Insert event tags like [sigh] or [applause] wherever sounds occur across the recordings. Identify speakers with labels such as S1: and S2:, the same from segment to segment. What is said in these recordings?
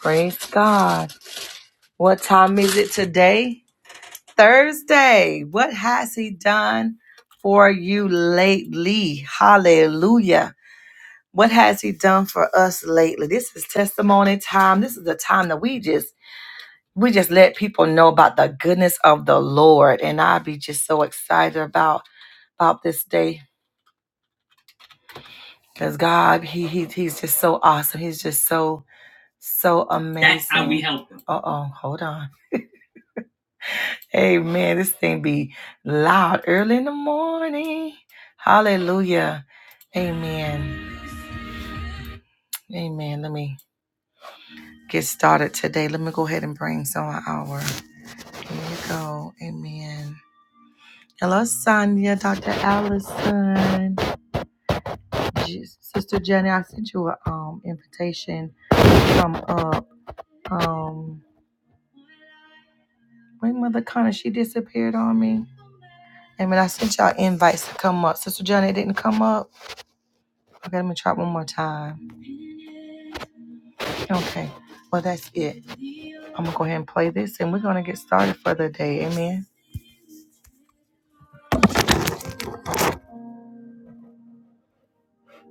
S1: Praise God. What time is it today? Thursday. What has He done for you lately? Hallelujah. What has He done for us lately? This is testimony time. This is the time that we just we just let people know about the goodness of the Lord. And I be just so excited about about this day. Because God, he, he he's just so awesome. He's just so so amazing. Uh oh, hold on. Amen. This thing be loud early in the morning. Hallelujah. Amen. Amen. Let me get started today. Let me go ahead and bring some our. Here we go. Amen. Hello, Sonia, Dr. Allison, J- Sister Jenny. I sent you an um, invitation to come up. Um, wait, Mother Connor, she disappeared on me. Amen. I sent y'all invites to come up. Sister Jenny it didn't come up. Okay, let me try one more time. Okay. Well, that's it. I'm going to go ahead and play this and we're going to get started for the day. Amen.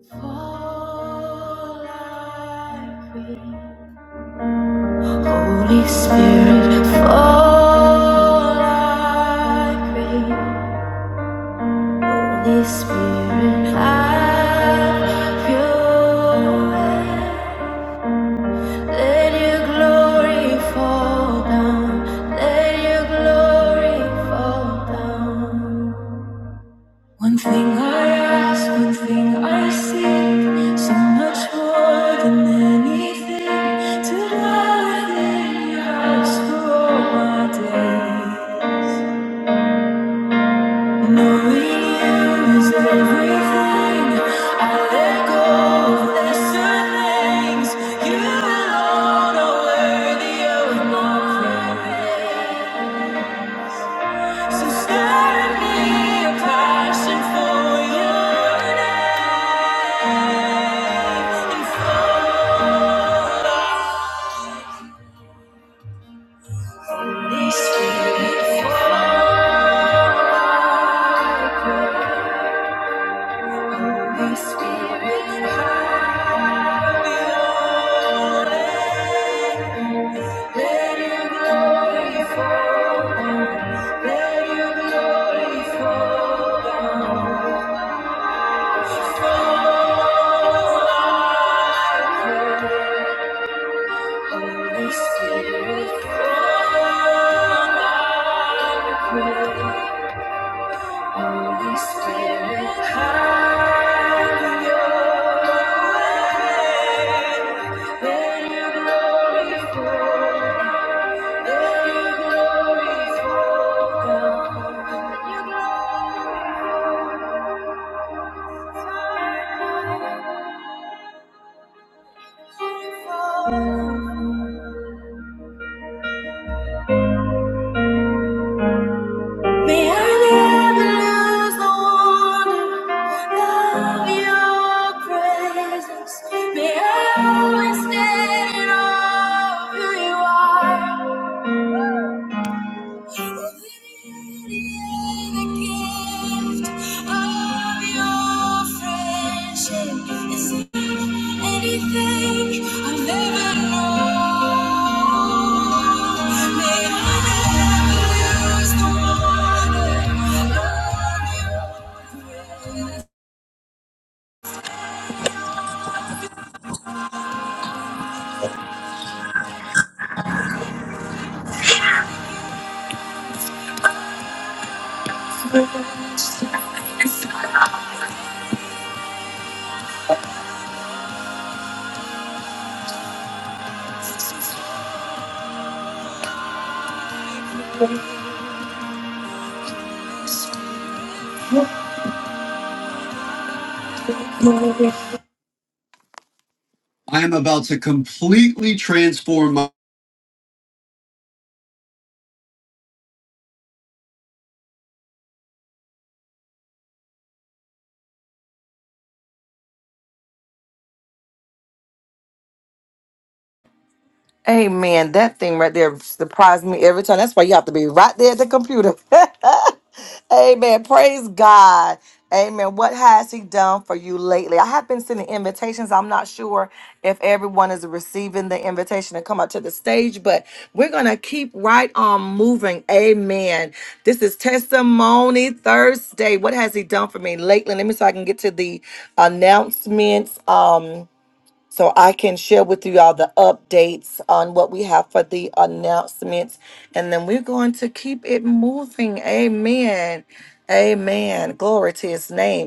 S1: Fall like rain. Holy Spirit, fall like rain. Holy Spirit, have your way. Let your glory fall down. Let your glory fall down. One thing I ask, one thing I seek, so much more than anything, to dwell within your house for all my days. Knowing you is everything, I let go of lesser things. You alone are worthy of my praise. Sustain me a passion for your name. And Holy Spirit, fire, Holy Spirit, have your Let your glory fall Let your glory fall down. Holy Spirit, Holy Spirit, have your way. Let your glory fall. Let your glory fall down. Let your glory fall. May I never lose the wonder of your presence. May I always stand in awe of who you are. The beauty and the gift of your friendship is anything I've ever known. May I never I am about to completely transform my. Hey man, that thing right there surprised me every time. That's why you have to be right there at the computer. [laughs] Amen. Praise God. Amen. What has he done for you lately? I have been sending invitations. I'm not sure if everyone is receiving the invitation to come up to the stage, but we're going to keep right on moving. Amen. This is Testimony Thursday. What has he done for me lately? Let me so I can get to the announcements. Um, so I can share with you all the updates on what we have for the announcements. And then we're going to keep it moving. Amen. Amen. Glory to his name.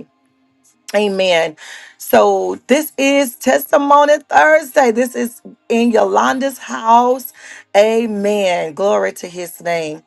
S1: Amen. So this is Testimony Thursday. This is in Yolanda's house. Amen. Glory to his name.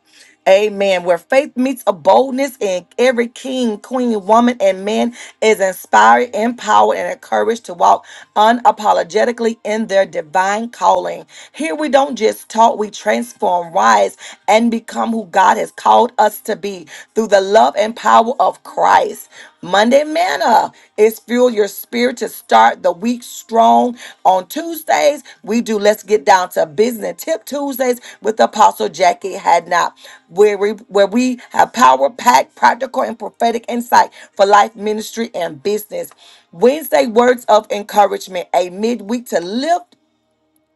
S1: Amen. Where faith meets a boldness, and every king, queen, woman, and man is inspired, empowered, and encouraged to walk unapologetically in their divine calling. Here we don't just talk, we transform, rise, and become who God has called us to be through the love and power of Christ. Monday Manna is fuel your spirit to start the week strong. On Tuesdays, we do Let's Get Down to Business Tip Tuesdays with Apostle Jackie Hadnot, where we, where we have power packed, practical, and prophetic insight for life, ministry, and business. Wednesday, Words of Encouragement, a midweek to lift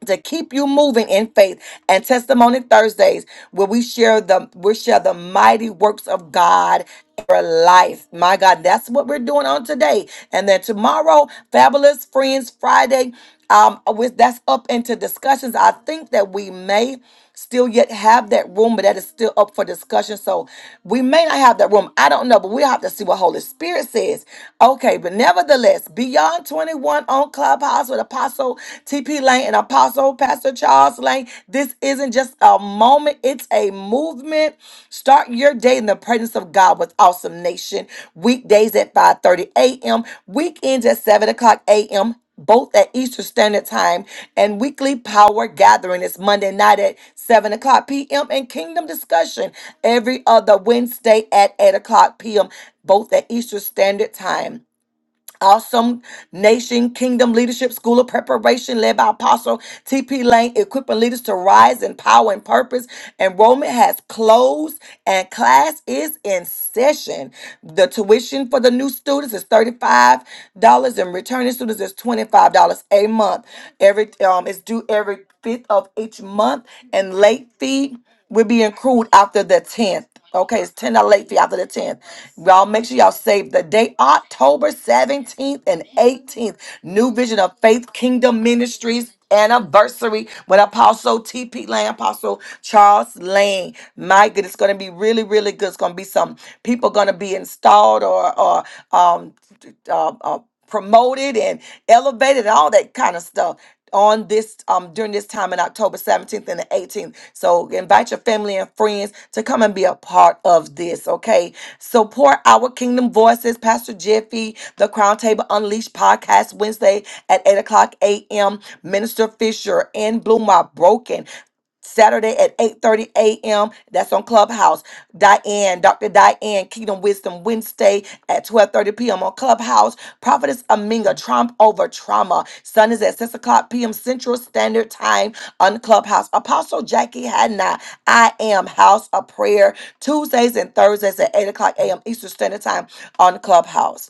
S1: to keep you moving in faith and testimony Thursdays where we share the we share the mighty works of God in your life. My God, that's what we're doing on today. And then tomorrow, Fabulous Friends Friday. Um, with that's up into discussions. I think that we may still yet have that room, but that is still up for discussion. So we may not have that room. I don't know, but we'll have to see what Holy Spirit says. Okay, but nevertheless, Beyond 21 on Clubhouse with Apostle TP Lane and Apostle Pastor Charles Lane. This isn't just a moment, it's a movement. Start your day in the presence of God with Awesome Nation. Weekdays at 5:30 a.m., weekends at 7 o'clock a.m both at Eastern Standard Time and weekly power gathering. It's Monday night at 7 o'clock p.m. and Kingdom Discussion every other Wednesday at 8 o'clock p.m., both at Eastern Standard Time. Awesome Nation Kingdom Leadership School of Preparation, led by Apostle T.P. Lane, equipping leaders to rise in power and purpose. Enrollment has closed and class is in session. The tuition for the new students is $35 and returning students is $25 a month. Every um, It's due every fifth of each month, and late fee will be accrued after the 10th. Okay, it's 10 out of late fee after the 10th. Y'all make sure y'all save the date October 17th and 18th. New Vision of Faith Kingdom Ministries anniversary with Apostle TP Lane, Apostle Charles Lane. My goodness, it's gonna be really, really good. It's gonna be some people gonna be installed or or um uh, uh, promoted and elevated and all that kind of stuff on this um during this time in October 17th and the 18th. So invite your family and friends to come and be a part of this, okay? Support our Kingdom Voices, Pastor Jeffy, the Crown Table Unleashed podcast Wednesday at 8 o'clock a.m. Minister Fisher and Bloom are broken. Saturday at 8:30 a.m. That's on Clubhouse. Diane, Dr. Diane, Kingdom Wisdom Wednesday at 12:30 p.m. on Clubhouse. Prophetess Aminga, Trump over trauma. Sun is at 6 o'clock p.m. Central Standard Time on Clubhouse. Apostle Jackie Hadnot, I am House of Prayer, Tuesdays and Thursdays at 8 o'clock a.m. Eastern Standard Time on Clubhouse.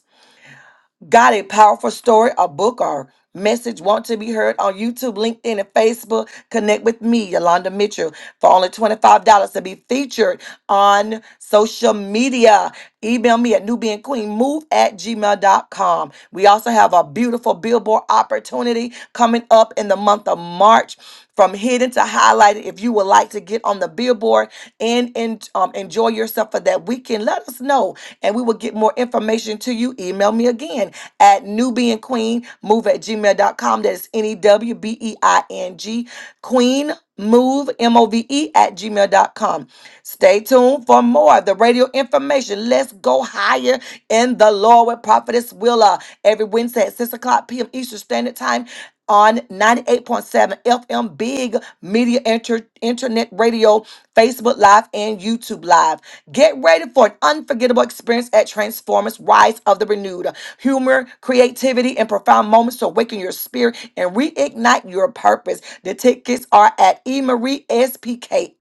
S1: Got a powerful story, a book, or message want to be heard on YouTube, LinkedIn, and Facebook? Connect with me, Yolanda Mitchell, for only $25 to be featured on social media. Email me at newbeingqueenmove at gmail dot com. We also have a beautiful billboard opportunity coming up in the month of March. From hidden to highlighted, if you would like to get on the billboard and, and um, enjoy yourself for that weekend, let us know and we will get more information to you. Email me again at Nubian Queen Move at gmail dot com. That's N E W B E I N G Queen Move M O V E at gmail dot com. Stay tuned for more of the radio information. Let's go higher in the Lord with Prophetess Willa every Wednesday at 6 o'clock p.m. Eastern Standard Time on 98.7 FM Big Media Inter- Internet Radio, Facebook Live, and YouTube Live. Get ready for an unforgettable experience at Transformers Rise of the Renewed humor, creativity, and profound moments to awaken your spirit and reignite your purpose. The tickets are at emariespks.com.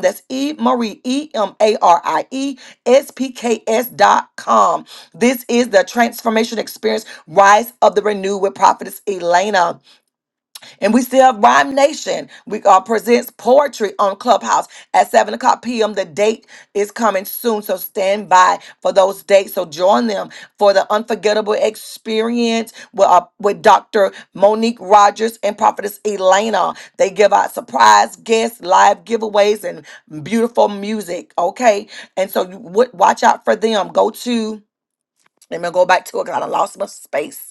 S1: That's E Marie, E M A R I E S P K S.com. This is the transformation experience, Rise of the Renewed with Prophetess Elena. And we still have Rhyme Nation. We uh, presents poetry on Clubhouse at 7 o'clock p.m. The date is coming soon, so stand by for those dates. So join them for the unforgettable experience with, uh, with Dr. Monique Rogers and Prophetess Elena. They give out surprise guests, live giveaways, and beautiful music, okay? And so you, w- watch out for them. Go to, let me go back to it because I done lost my space.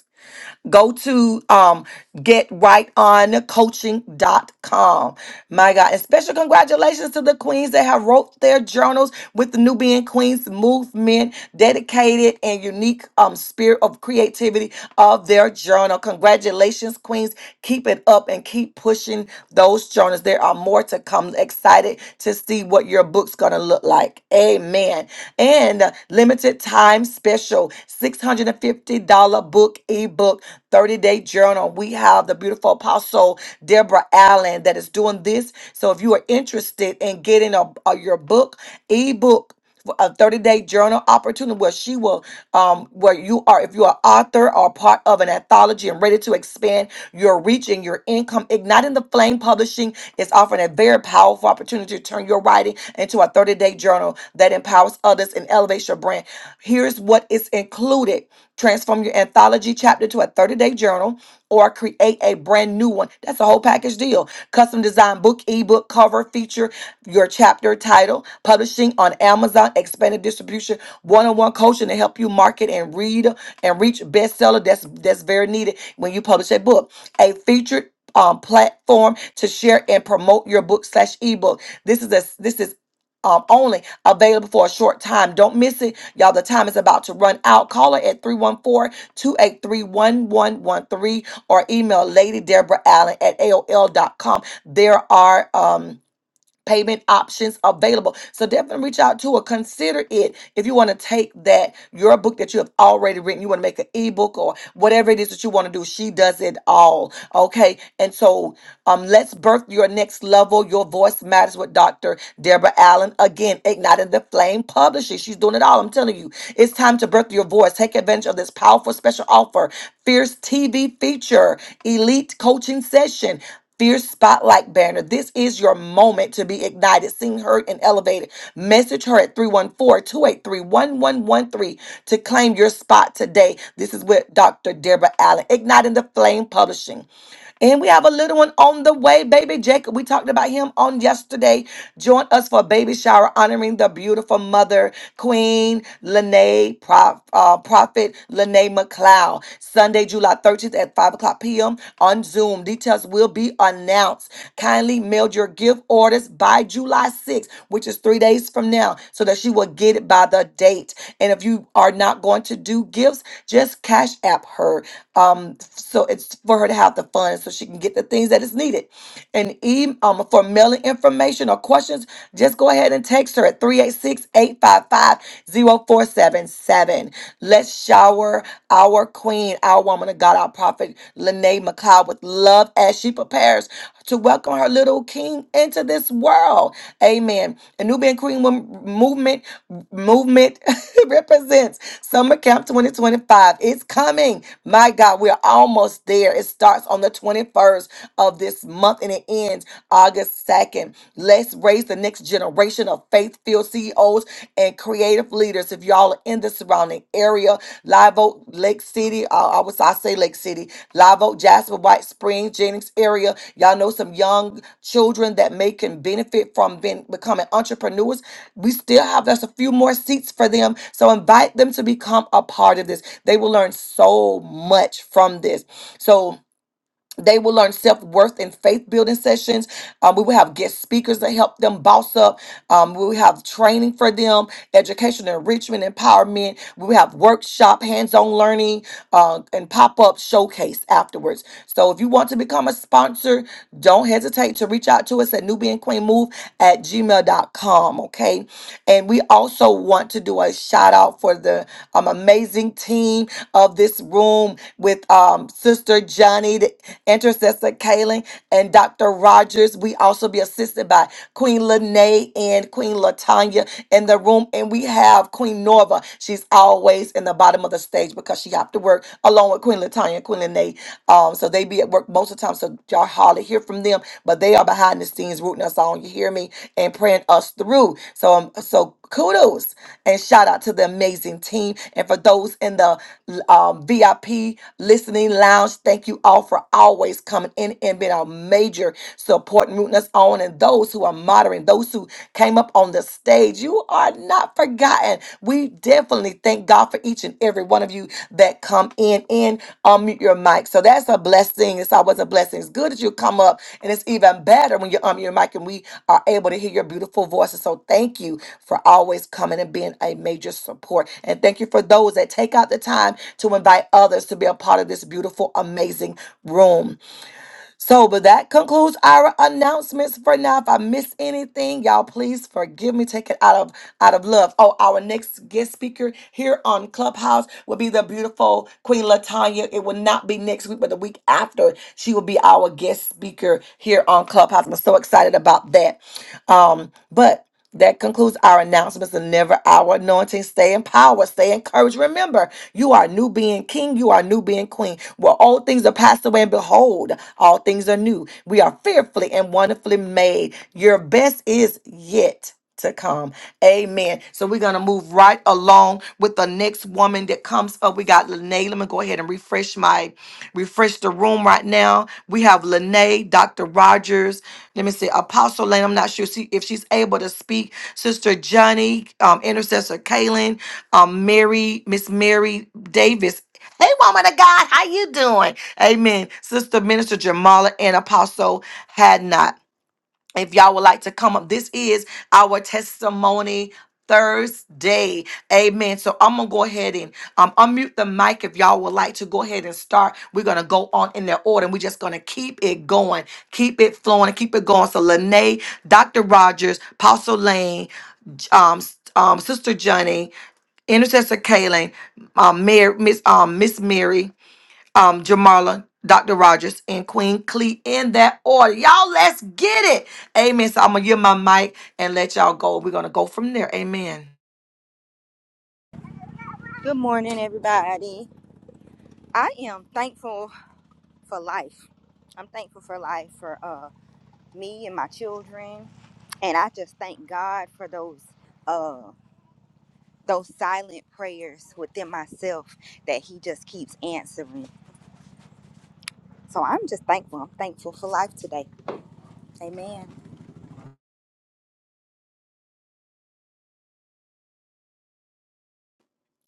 S1: Go to um, getrightoncoaching.com. My God. And special congratulations to the queens that have wrote their journals with the Nubian Queens movement, dedicated and unique um, spirit of creativity of their journal. Congratulations, queens. Keep it up and keep pushing those journals. There are more to come. Excited to see what your book's going to look like. Amen. And uh, limited time special $650 book ebook 30 Day Journal. We have the beautiful apostle Deborah Allen that is doing this. So if you are interested in getting a, a- your book, ebook, a 30 day journal opportunity where she will um where you are if you are author or part of an anthology and ready to expand your reach and your income igniting the flame publishing is offering a very powerful opportunity to turn your writing into a 30 day journal that empowers others and elevates your brand here's what is included Transform your anthology chapter to a 30 day journal or create a brand new one. That's a whole package deal. Custom design book, ebook, cover, feature, your chapter title, publishing on Amazon, expanded distribution, one on one coaching to help you market and read and reach bestseller. That's, that's very needed when you publish a book. A featured um, platform to share and promote your book slash ebook. This is a this is um, only available for a short time. Don't miss it Y'all, the time is about to run out. Call her at three one four two eight three one one one three, or email Lady Deborah Allen at AOL dot com. There are um payment options available. So definitely reach out to her. Consider it if you want to take that your book that you have already written, you want to make an ebook or whatever it is that you want to do. She does it all. Okay. And so um let's birth your next level. Your voice matters with Dr. Deborah Allen. Again, igniting the flame publishing. She's doing it all. I'm telling you. It's time to birth your voice. Take advantage of this powerful special offer Fierce TV feature, elite coaching session. Fierce Spotlight banner. This is your moment to be ignited, seen, heard, and elevated. Message her at 314 283 1113 to claim your spot today. This is with Dr. Deborah Allen, Igniting the Flame Publishing. And we have a little one on the way, baby Jacob. We talked about him on yesterday. Join us for a baby shower honoring the beautiful mother, Queen Lene, Prof, uh, Prophet Lene McLeod. Sunday, July 13th at 5 o'clock p.m. on Zoom. Details will be be announced. Kindly mail your gift orders by July 6th, which is three days from now, so that she will get it by the date. And if you are not going to do gifts, just cash app her. Um, so it's for her to have the funds so she can get the things that is needed and e- um, for mailing information or questions, just go ahead and text her at 386 let Let's shower our queen, our woman of God, our prophet, Lene McLeod, with love as she prepares to welcome her little king into this world. Amen. The Nubian Queen Wom- Movement movement [laughs] represents Summer Camp 2025. It's coming. My God, we're almost there. It starts on the 21st. 31st of this month and it ends August 2nd. Let's raise the next generation of faith filled CEOs and creative leaders. If y'all are in the surrounding area, Live Oak, Lake City, uh, I was I say Lake City, Live Oak, Jasper, White Springs, Jennings area. Y'all know some young children that may can benefit from being becoming entrepreneurs. We still have there's a few more seats for them, so invite them to become a part of this. They will learn so much from this. So they will learn self worth and faith building sessions. Um, we will have guest speakers that help them boss up. Um, we will have training for them, education, enrichment, empowerment. We will have workshop, hands on learning, uh, and pop up showcase afterwards. So if you want to become a sponsor, don't hesitate to reach out to us at nubianqueenmove at gmail dot com. Okay. And we also want to do a shout out for the um, amazing team of this room with um, Sister Johnny. Intercessor Kaling, and Dr. Rogers. We also be assisted by Queen Lene and Queen Latanya in the room. And we have Queen Norva. She's always in the bottom of the stage because she have to work along with Queen Latanya Queen Lene. Um, so they be at work most of the time. So y'all hardly hear from them, but they are behind the scenes rooting us on. You hear me? And praying us through. So um, so kudos and shout out to the amazing team and for those in the um, VIP listening lounge. Thank you all for always coming in and being our major support and rooting us on. And those who are moderating, those who came up on the stage, you are not forgotten. We definitely thank God for each and every one of you that come in. and unmute your mic. So that's a blessing. It's always a blessing. It's good that you come up, and it's even better when you unmute your mic and we are able to hear your beautiful voices. So thank you for always coming and being a major support. And thank you for those that take out the time to invite others to be a part of this beautiful, amazing room. So, but that concludes our announcements for now. If I miss anything, y'all please forgive me. Take it out of out of love. Oh, our next guest speaker here on Clubhouse will be the beautiful Queen Latanya. It will not be next week, but the week after, she will be our guest speaker here on Clubhouse. I'm so excited about that. Um, but that concludes our announcements and never our anointing. Stay empowered. stay encouraged. Remember, you are new being king, you are new being queen. Well, all things are passed away, and behold, all things are new. We are fearfully and wonderfully made. Your best is yet to come. Amen. So we're gonna move right along with the next woman that comes up. We got Lene. Let me go ahead and refresh my refresh the room right now. We have Lene, Dr. Rogers. Let me see, Apostle Lane. I'm not sure she, if she's able to speak. Sister Johnny, um, Intercessor Kaylin, um, Mary, Miss Mary Davis. Hey, woman of God, how you doing? Amen. Sister Minister Jamala and Apostle Hadnot if y'all would like to come up this is our testimony thursday amen so i'm gonna go ahead and um, unmute the mic if y'all would like to go ahead and start we're gonna go on in that order and we're just gonna keep it going keep it flowing and keep it going so lene dr rogers apostle lane J- um, s- um, sister johnny intercessor kaylin um, Mary, miss um, miss mary um, Jamarla, Dr. Rogers, and Queen Clee in that order. Y'all, let's get it. Amen. So I'm gonna give my mic and let y'all go. We're gonna go from there. Amen.
S2: Good morning, everybody. I am thankful for life. I'm thankful for life for uh, me and my children, and I just thank God for those uh, those silent prayers within myself that He just keeps answering. So I'm just thankful. I'm thankful for life today. Amen.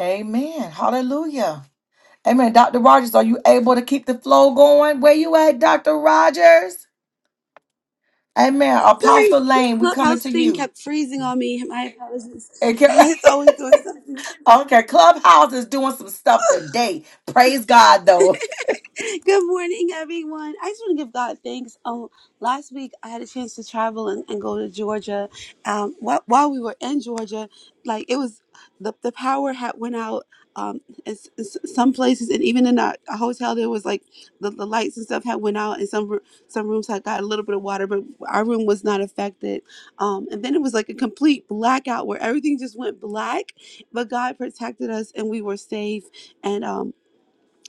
S1: Amen. Hallelujah. Amen. Dr. Rogers, are you able to keep the flow going? Where you at, Dr. Rogers? Amen.
S3: Sorry,
S1: Apostle
S3: this
S1: Lane, we coming
S3: clubhouse
S1: to
S3: thing
S1: you.
S3: kept freezing on me. My apologies. [laughs]
S1: Okay,
S3: It's always doing something.
S1: [laughs] Okay, Clubhouse is doing some stuff today. Praise God, though.
S3: Good morning, everyone. I just want to give God thanks. Um, last week I had a chance to travel and, and go to Georgia. Um, while, while we were in Georgia, like it was the the power had went out. Um, in, s- in s- some places and even in our hotel, there was like the, the lights and stuff had went out, and some r- some rooms had got a little bit of water, but our room was not affected. Um, and then it was like a complete blackout where everything just went black, but God protected us and we were safe. And um,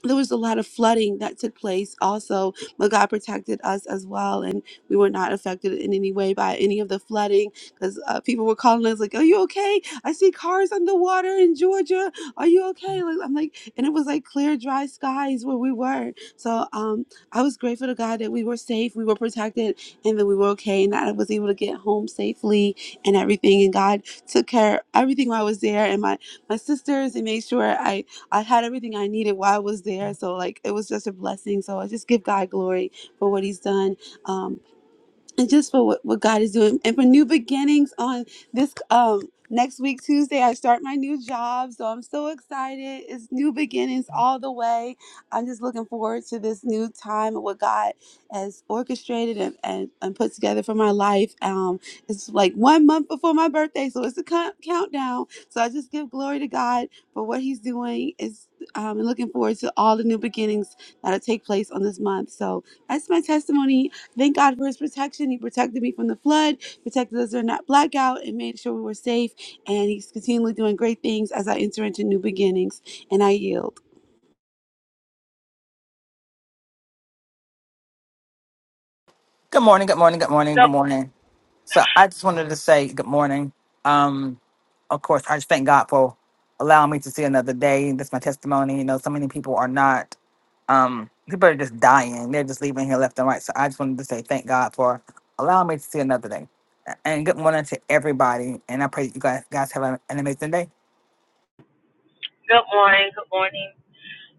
S3: there was a lot of flooding that took place also, but God protected us as well, and we were not affected in any way by any of the flooding because uh, people were calling us like, "Are you okay? I see cars underwater in Georgia. Are you okay?" Like I'm like, and it was like clear, dry skies where we were. So um, I was grateful to God that we were safe, we were protected, and that we were okay, and that I was able to get home safely and everything. And God took care of everything while I was there, and my my sisters, and made sure I I had everything I needed while I was there. So like it was just a blessing. So I just give God glory for what He's done. Um, and just for what, what God is doing and for new beginnings on this um next week Tuesday I start my new job so I'm so excited it's new beginnings all the way I'm just looking forward to this new time and what God has orchestrated and, and, and put together for my life um it's like one month before my birthday so it's a count- countdown so I just give glory to God for what he's doing is um and looking forward to all the new beginnings that'll take place on this month. So that's my testimony. Thank God for his protection. He protected me from the flood, protected us during that blackout, and made sure we were safe. And he's continually doing great things as I enter into new beginnings. And I yield.
S4: Good morning, good morning, good morning, good
S5: Good,
S4: morning. So I just wanted to say good morning. Um, of course, I just thank God for allowing me to see another day. That's my testimony. You know, so many people are not, um, people are just dying. They're just leaving here left and right. So I just wanted to say thank God for allowing me to see another day. And good morning to everybody. And I pray that you guys, guys have an an amazing day.
S5: good morning. Good morning.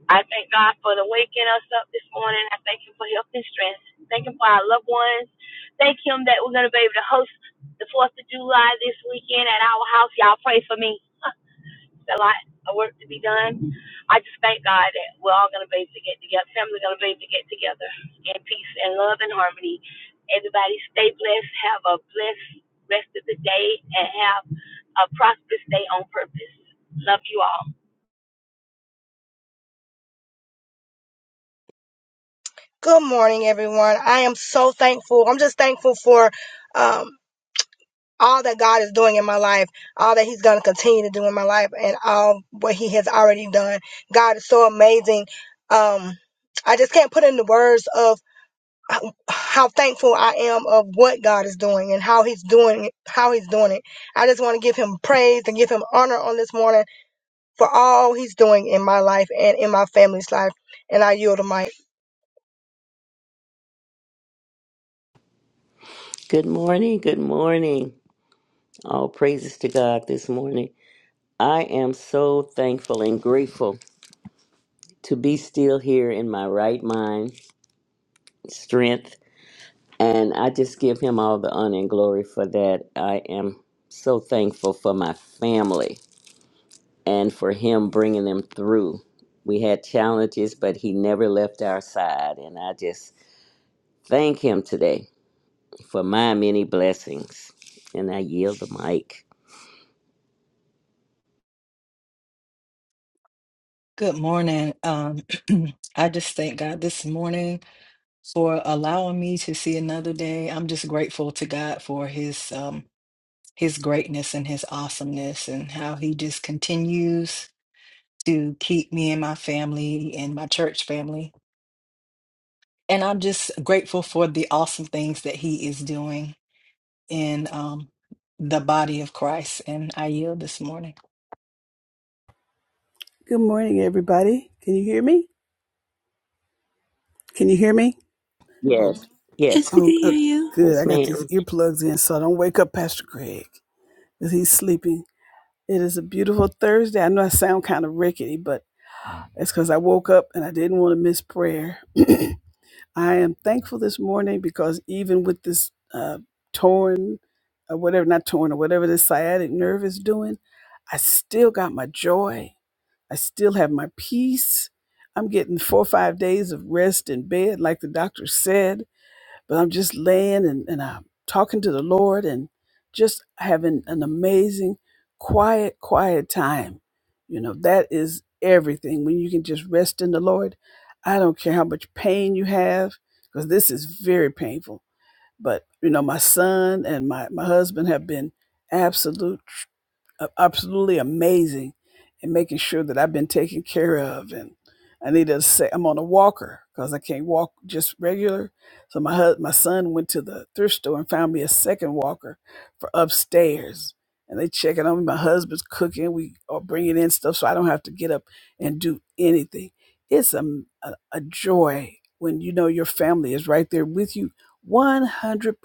S5: I thank God for the waking us up this morning. I thank Him for health and strength. Thank Him for our loved ones. Thank Him that we're going to be able to host the 4th of July this weekend at our house. Y'all pray for me. It's a lot of work to be done. I just thank God that we're all going to be able to get together. Family's going to be able to get together in peace and love and harmony. Everybody stay blessed. Have a blessed rest of the day and have a prosperous day on purpose. Love you all.
S6: Good morning, everyone. I am so thankful. I'm just thankful for um, all that God is doing in my life, all that He's going to continue to do in my life, and all what He has already done. God is so amazing. Um, I just can't put into words of how how thankful I am of what God is doing and how He's doing it, how He's doing it. I just want to give Him praise and give Him honor on this morning for all He's doing in my life and in my family's life. And I yield the mic.
S7: Good morning. Good morning. All praises to God this morning. I am so thankful and grateful to be still here in my right mind, strength, and I just give him all the honor and glory for that. I am so thankful for my family and for him bringing them through. We had challenges, but he never left our side, and I just thank him today for my many blessings. And I yield the mic.
S8: Good morning. Um, [clears throat] I just thank God this morning for allowing me to see another day. I'm just grateful to God for his um, his greatness and his awesomeness and how he just continues to keep me and my family and my church family. And I'm just grateful for the awesome things that he is doing in um, the body of Christ. And I yield this morning.
S9: Good morning, everybody. Can you hear me? Can you hear me? Oh,
S7: Yes.
S3: Yes,
S7: Yes.
S3: we
S9: oh,
S3: can
S9: oh
S3: hear you.
S9: good.
S7: Yes,
S9: I got these
S7: ma'am.
S9: earplugs in, so I don't wake up Pastor Greg because he's sleeping. It is a beautiful Thursday. I know I sound kind of rickety, but that's because I woke up and I didn't want to miss prayer. [clears throat] I am thankful this morning because even with this uh, torn, or whatever, not torn, or whatever this sciatic nerve is doing, I still got my joy. I still have my peace. I'm getting four or five days of rest in bed, like the doctor said, but I'm just laying and, and I'm talking to the Lord and just having an amazing, quiet, quiet time. You know, that is everything. When you can just rest in the Lord, I don't care how much pain you have, because this is very painful. But, you know, my son and my, my husband have been absolute a- absolutely amazing in making sure that I've been taken care of. And I need to say I'm on a walker because I can't walk just regular. So my hus- my son went to the thrift store and found me a second walker for upstairs. And they checking on me. My husband's cooking. We are bringing in stuff so I don't have to get up and do anything. It's a, a, a joy when you know your family is right there with you 100%.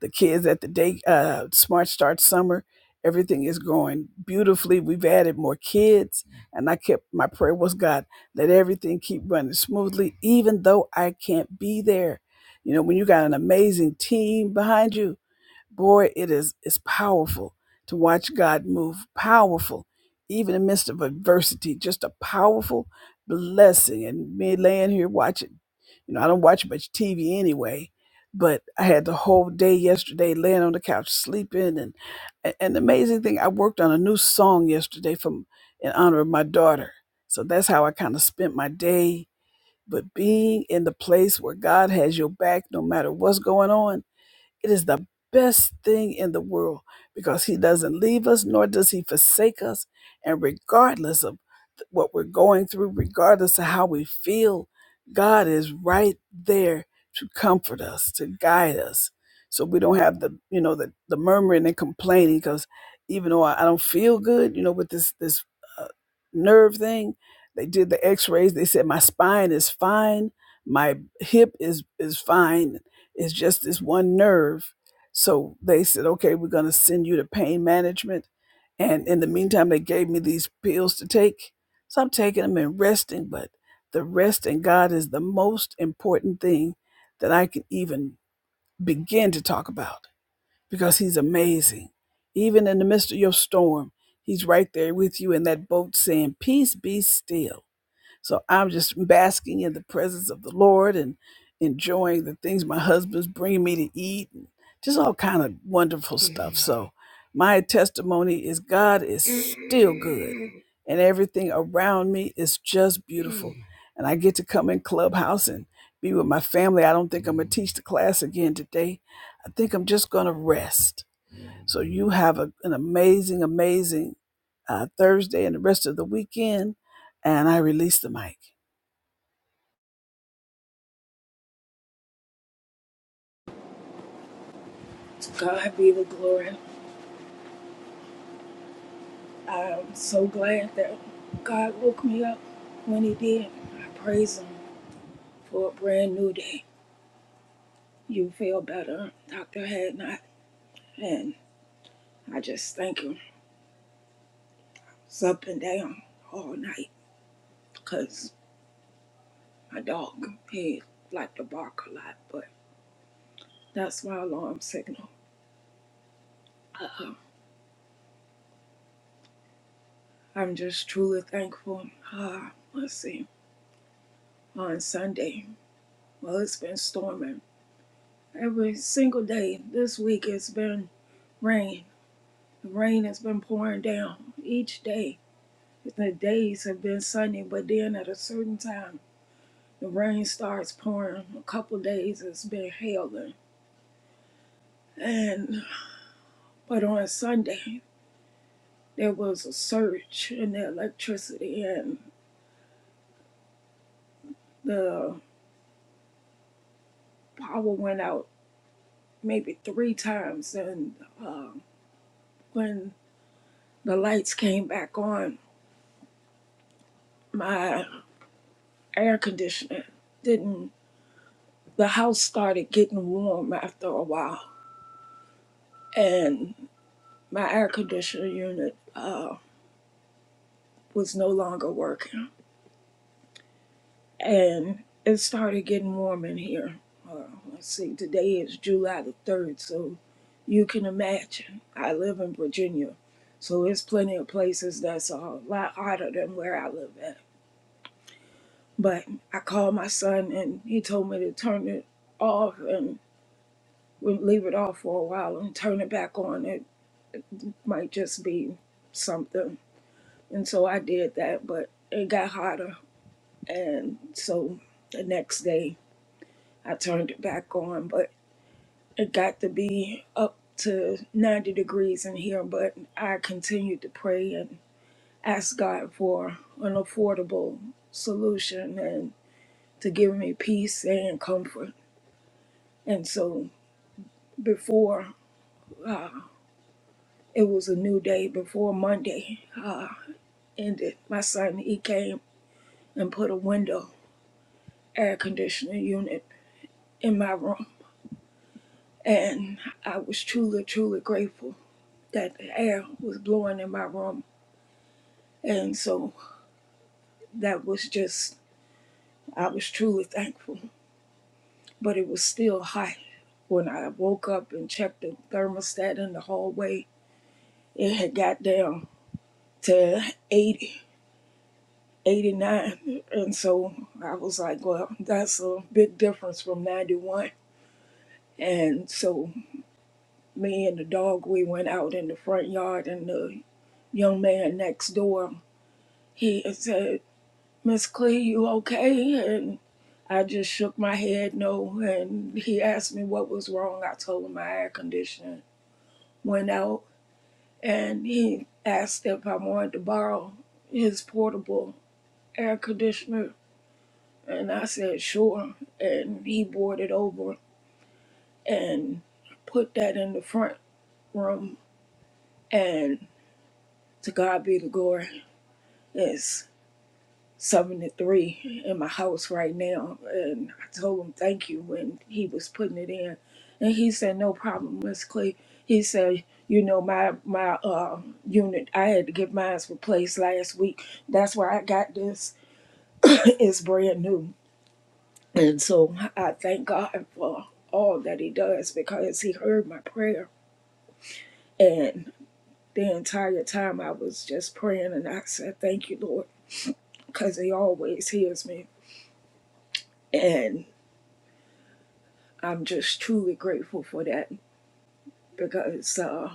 S9: The kids at the day, uh, Smart Start Summer, Everything is going beautifully. We've added more kids. And I kept my prayer was God, let everything keep running smoothly, even though I can't be there. You know, when you got an amazing team behind you, boy, it is it's powerful to watch God move. Powerful, even in the midst of adversity, just a powerful blessing. And me laying here watching, you know, I don't watch much TV anyway, but I had the whole day yesterday laying on the couch sleeping. And a- and the amazing thing, I worked on a new song yesterday from in honor of my daughter. So that's how I kind of spent my day. But being in the place where God has your back, no matter what's going on it is the best thing in the world because He doesn't leave us, nor does He forsake us. And regardless of what we're going through, regardless of how we feel, God is right there to comfort us, to guide us. So we don't have the, you know, the, the murmuring and complaining because even though I, I don't feel good, you know, with this, this uh, nerve thing, they did the x-rays. They said my spine is fine. My hip is, is fine it's just this one nerve. So they said, okay, we're going to send you to pain management. And in the meantime, they gave me these pills to take. So I'm taking them and resting, but the rest in God is the most important thing that I can even begin to talk about because He's amazing. Even in the midst of your storm, He's right there with you in that boat saying, Peace be still so I'm just basking in the presence of the Lord and enjoying the things my husband's bringing me to eat, and just all kind of wonderful stuff. So my testimony is God is still good, and everything around me is just beautiful. And I get to come in clubhouse and be with my family. I don't think I'm gonna teach the class again today. I think I'm just gonna rest. So you have a, an amazing, amazing uh, Thursday and the rest of the weekend. And I release the mic.
S10: To God be the glory. I'm so glad that God woke me up when He did. I praise Him for a brand new day. You feel better, Dr. Hadnot. And I just thank Him. It's up and down all night because my dog, he liked to bark a lot, but that's my alarm signal. Uh, I'm just truly thankful. Uh, let's see, on Sunday, well, it's been storming. Every single day this week, it's been rain The rain has been pouring down each day. The days have been sunny, but then at a certain time, the rain starts pouring. A couple days it's been hailing. And but on Sunday, there was a surge in the electricity, and the power went out maybe three times. And uh, when the lights came back on, my air conditioner didn't. The house started getting warm after a while, and my air conditioner unit uh, was no longer working. And it started getting warm in here. Uh, let's see, today is July the 3rd, so you can imagine. I live in Virginia, so there's plenty of places that's a lot hotter than where I live at. But I called my son, and he told me to turn it off and would leave it off for a while and turn it back on. It might just be something. And so I did that, but it got hotter And so the next day I turned it back on, but it got to be up to 90 degrees in here. But I continued to pray and ask God for an affordable solution and to give me peace and comfort. And so before uh, it was a new day, before Monday ended, my son he came and put a window air conditioning unit in my room. And I was truly, truly grateful that the air was blowing in my room. And so that was just, I was truly thankful. But it was still hot. When I woke up and checked the thermostat in the hallway, it had got down to 80, 89. And so I was like, well, that's a big difference from 91. And so me and the dog, we went out in the front yard, and the young man next door, he said. Miss Clee, you okay? And I just shook my head no. And he asked me what was wrong. I told him my air conditioner went out. And he asked if I wanted to borrow his portable air conditioner. And I said, sure. And he brought it over and put that in the front room. And to God be the glory. Yes. 73 in my house right now. And I told him thank you when he was putting it in. And he said, No problem, Miss Clay. He said, you know, my my uh, unit, I had to get mine replaced last week. That's why I got this. [coughs] [clears throat] it's brand new. And so I thank God for all that he does because he heard my prayer. And the entire time I was just praying and I said, Thank you, Lord, because he always hears me. and. I'm just truly grateful for that because uh,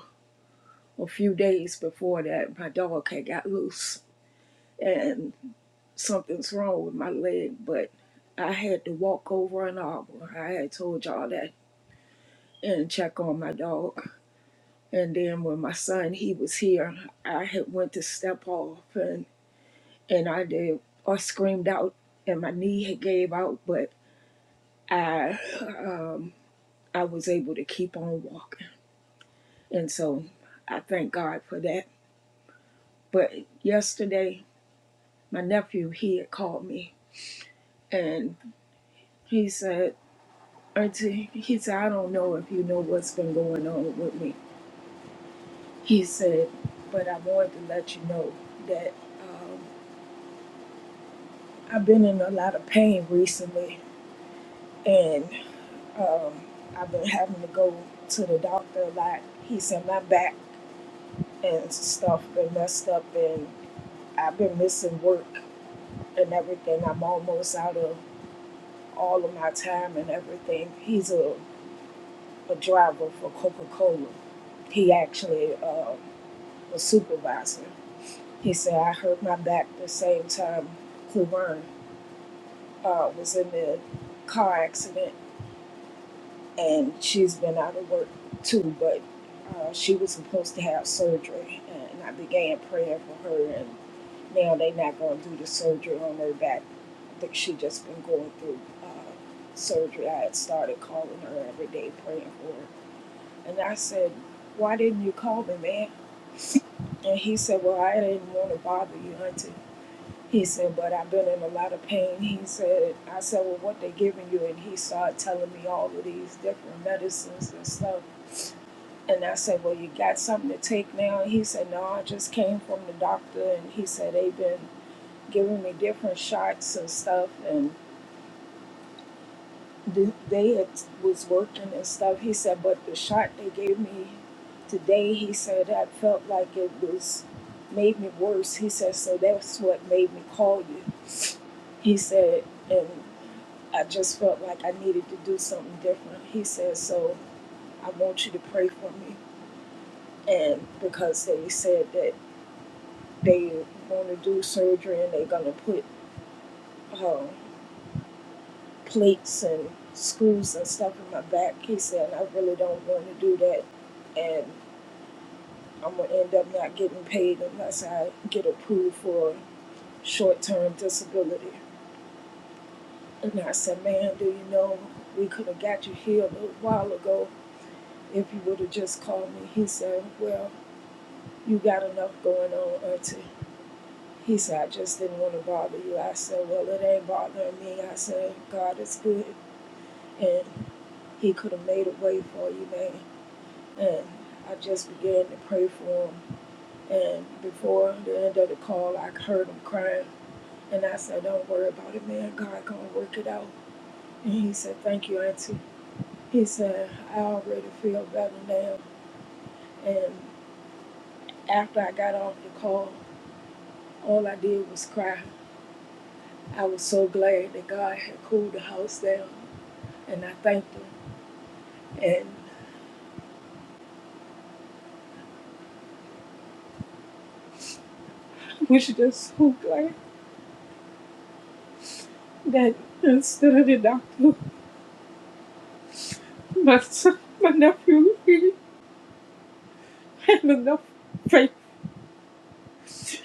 S10: a few days before that, my dog had got loose and something's wrong with my leg, but I had to walk over an arbor. I had told y'all that and check on my dog. And then when my son, he was here, I had went to step off and, and I did, I screamed out and my knee had gave out, but I, um, I was able to keep on walking. And so I thank God for that. But yesterday, my nephew, he had called me and he said, Auntie, he said, I don't know if you know what's been going on with me. He said, but I wanted to let you know that um, I've been in a lot of pain recently and um, I've been having to go to the doctor a lot. He said, my back and stuff been messed up and I've been missing work and everything. I'm almost out of all of my time and everything. He's a a driver for Coca Cola. He actually uh, was supervisor. He said, I hurt my back the same time Cleburne uh, was in the car accident, and she's been out of work too, but uh, she was supposed to have surgery. And I began praying for her, and now they're not going to do the surgery on her back. That she just been going through uh, surgery. I had started calling her every day, praying for her. And I said, Why didn't you call me, man? And he said, Well, I didn't want to bother you, Auntie. He said, But I've been in a lot of pain. He said, I said, Well, what they giving you? And he started telling me all of these different medicines and stuff. And I said, Well, you got something to take now? And he said, No, I just came from the doctor. And he said, They've been giving me different shots and stuff. And th- they had, was working and stuff. He said, but the shot they gave me today, he said, I felt like it was made me worse. He said, so that's what made me call you. He said, and I just felt like I needed to do something different. He said, so I want you to pray for me. And because they said that they want to do surgery and they're going to put uh, plates and screws and stuff in my back, he said, and I really don't want to do that And I'm gonna end up not getting paid unless I get approved for short-term disability. And I said, man, do you know we could have got you here a little while ago if you would have just called me. He said, well, you got enough going on, auntie. He said, I just didn't want to bother you. I said, well, it ain't bothering me. I said, God is good, and He could have made a way for you, man. And I just began to pray for him. And before the end of the call, I heard him crying And I said, Don't worry about it, man. God gonna work it out. And he said, Thank you, Auntie. He said, I already feel better now. And after I got off the call, all I did was cry. I was so glad that God had cooled the house down and I thanked him. And I was just so glad that it's the doctor, [laughs] my son, my nephew, he had enough faith [laughs]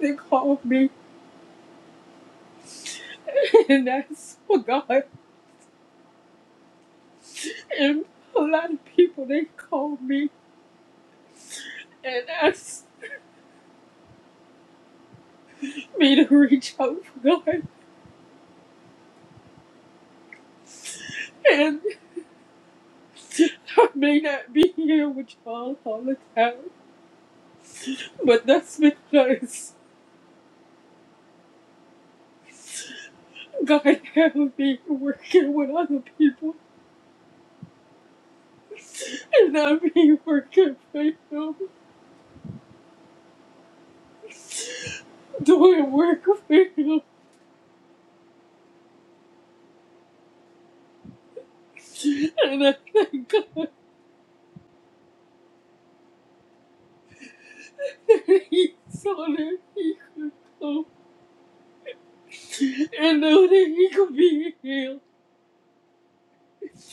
S10: to call me. [laughs] And that's for God. And a lot of people they called me and asked me to reach out for God. And I may not be here with y'all all the time, but that's because God has me working with other people. And I'm here working for Him, doing work for Him. And I thank God that He saw that He could come. and know that he could be healed.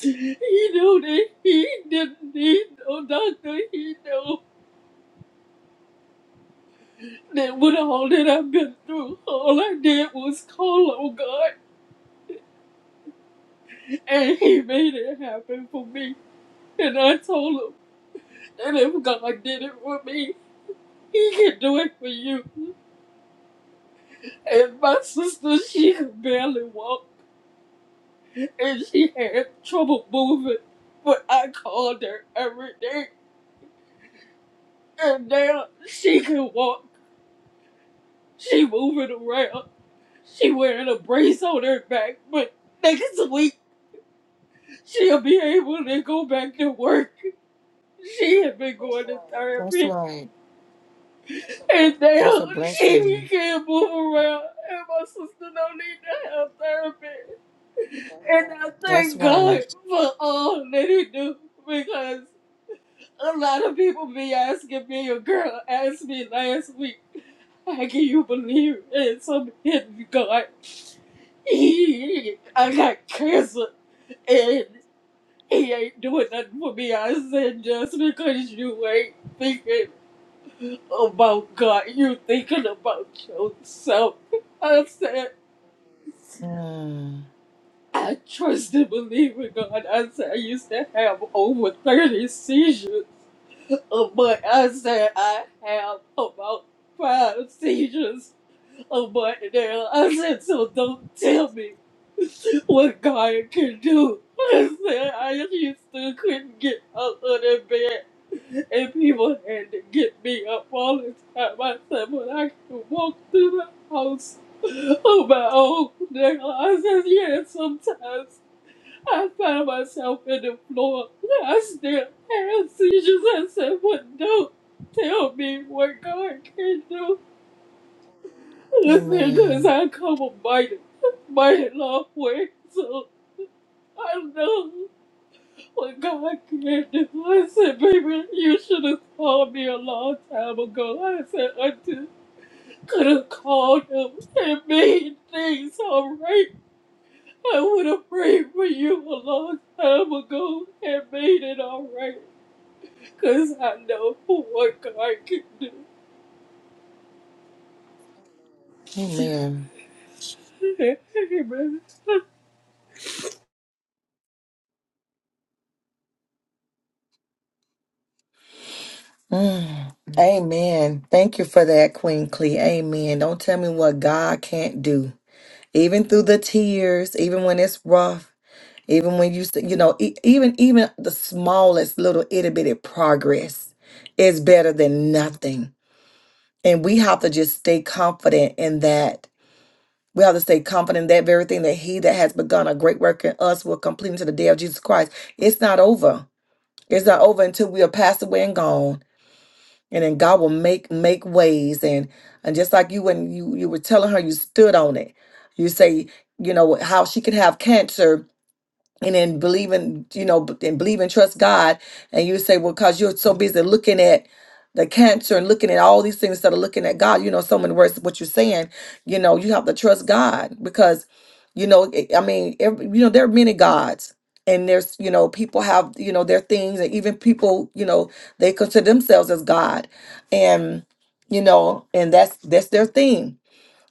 S10: He knew that he didn't need no doctor. He knew that with all that I've been through, all I did was call on God, and He made it happen for me. And I told him that if God did it for me, He can do it for you. And my sister, she could barely walk, and she had trouble moving, but I called her every day, and now she can walk. She moving around. She wearing a brace on her back, but next week she'll be able to go back to work. She had been going to
S1: That's
S10: therapy,
S1: right.
S10: and
S1: That's
S10: now
S1: a
S10: she
S1: blessing.
S10: can't move around. And my sister don't need to have therapy. And I
S1: That's
S10: thank God
S1: right.
S10: for all that he do because a lot of people be asking me. A girl asked me last week, "How can you believe in some hidden God?" [laughs] I got cancer and he ain't doing nothing for me. I said just because you ain't thinking about God, you thinking about yourself. I said
S1: Mm,
S10: I trust and believe in God. I said I used to have over thirty seizures, uh, but I said I have about five seizures Oh, Martinelli, I said, so don't tell me what God can do. I said, I just still couldn't get out of the bed. And people had to get me up all the time. I said, but I can walk through the house on my own. Now, I said, yeah, sometimes I find myself in the floor. I still have seizures. I said, but don't tell me what God can do. Listen, cause
S1: Amen.
S10: I come a mighty, mighty long way, so I know what God can do. I said, baby, you should have called me a long time ago. I said, I just could have called him and made things all right. I would have prayed for you a long time ago and made it all right, cause I know what God can do.
S1: Amen.
S10: [laughs] Amen.
S1: Mm. Amen. Thank you for that, Queen Clee. Amen. Don't tell me what God can't do. Even through the tears, even when it's rough, even when you, s- you know, e- even even the smallest little itty bitty progress is better than nothing. And we have to just stay confident in that. We have to stay confident in that very thing that He that has begun a great work in us will complete until the day of Jesus Christ. It's not over. It's not over until we are passed away and gone. and then God will make make ways and and just like you when you you were telling her you stood on it you say you know how she could have cancer and then believe in you know b- and believe and trust god and you say well because you're so busy looking at the cancer and looking at all these things instead of looking at god you know so many words what you're saying you know you have to trust god because you know i I mean every, you know there are many gods and there's you know people have you know their things and even people you know they consider themselves as god and you know and that's that's their thing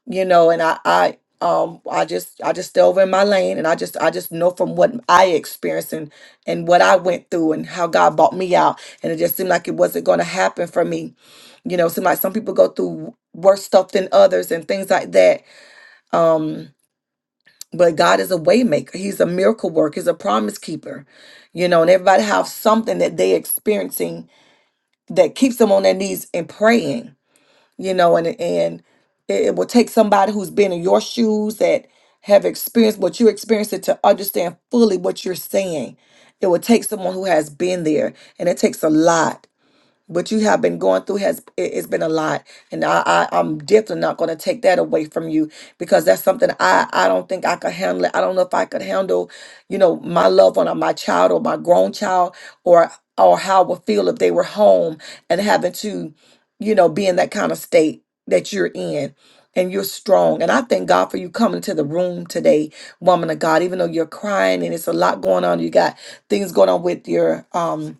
S1: you know and i i um i just i just stay over in my lane and i just i just know from what i experienced and and what i went through and how god bought me out and it just seemed like it wasn't going to happen for me you know it seemed like some people go through worse stuff than others and things like that um but god is a waymaker he's a miracle worker he's a promise keeper you know and everybody have something that they experiencing that keeps them on their knees and praying you know, and and it, it will take somebody who's been in your shoes that have experienced what you experienced it to understand fully what you're saying. It will take someone who has been there, and it takes a lot what you have been going through has it, has been a lot and I, I i'm definitely not going to take that away from you because that's something i i don't think i could handle it i don't know if i could handle you know my loved one or my child or my grown child or or how I would feel if they were home and having to you know be in that kind of state that you're in and you're strong and i thank god for you coming to the room today woman of god even though you're crying and it's a lot going on you got things going on with your um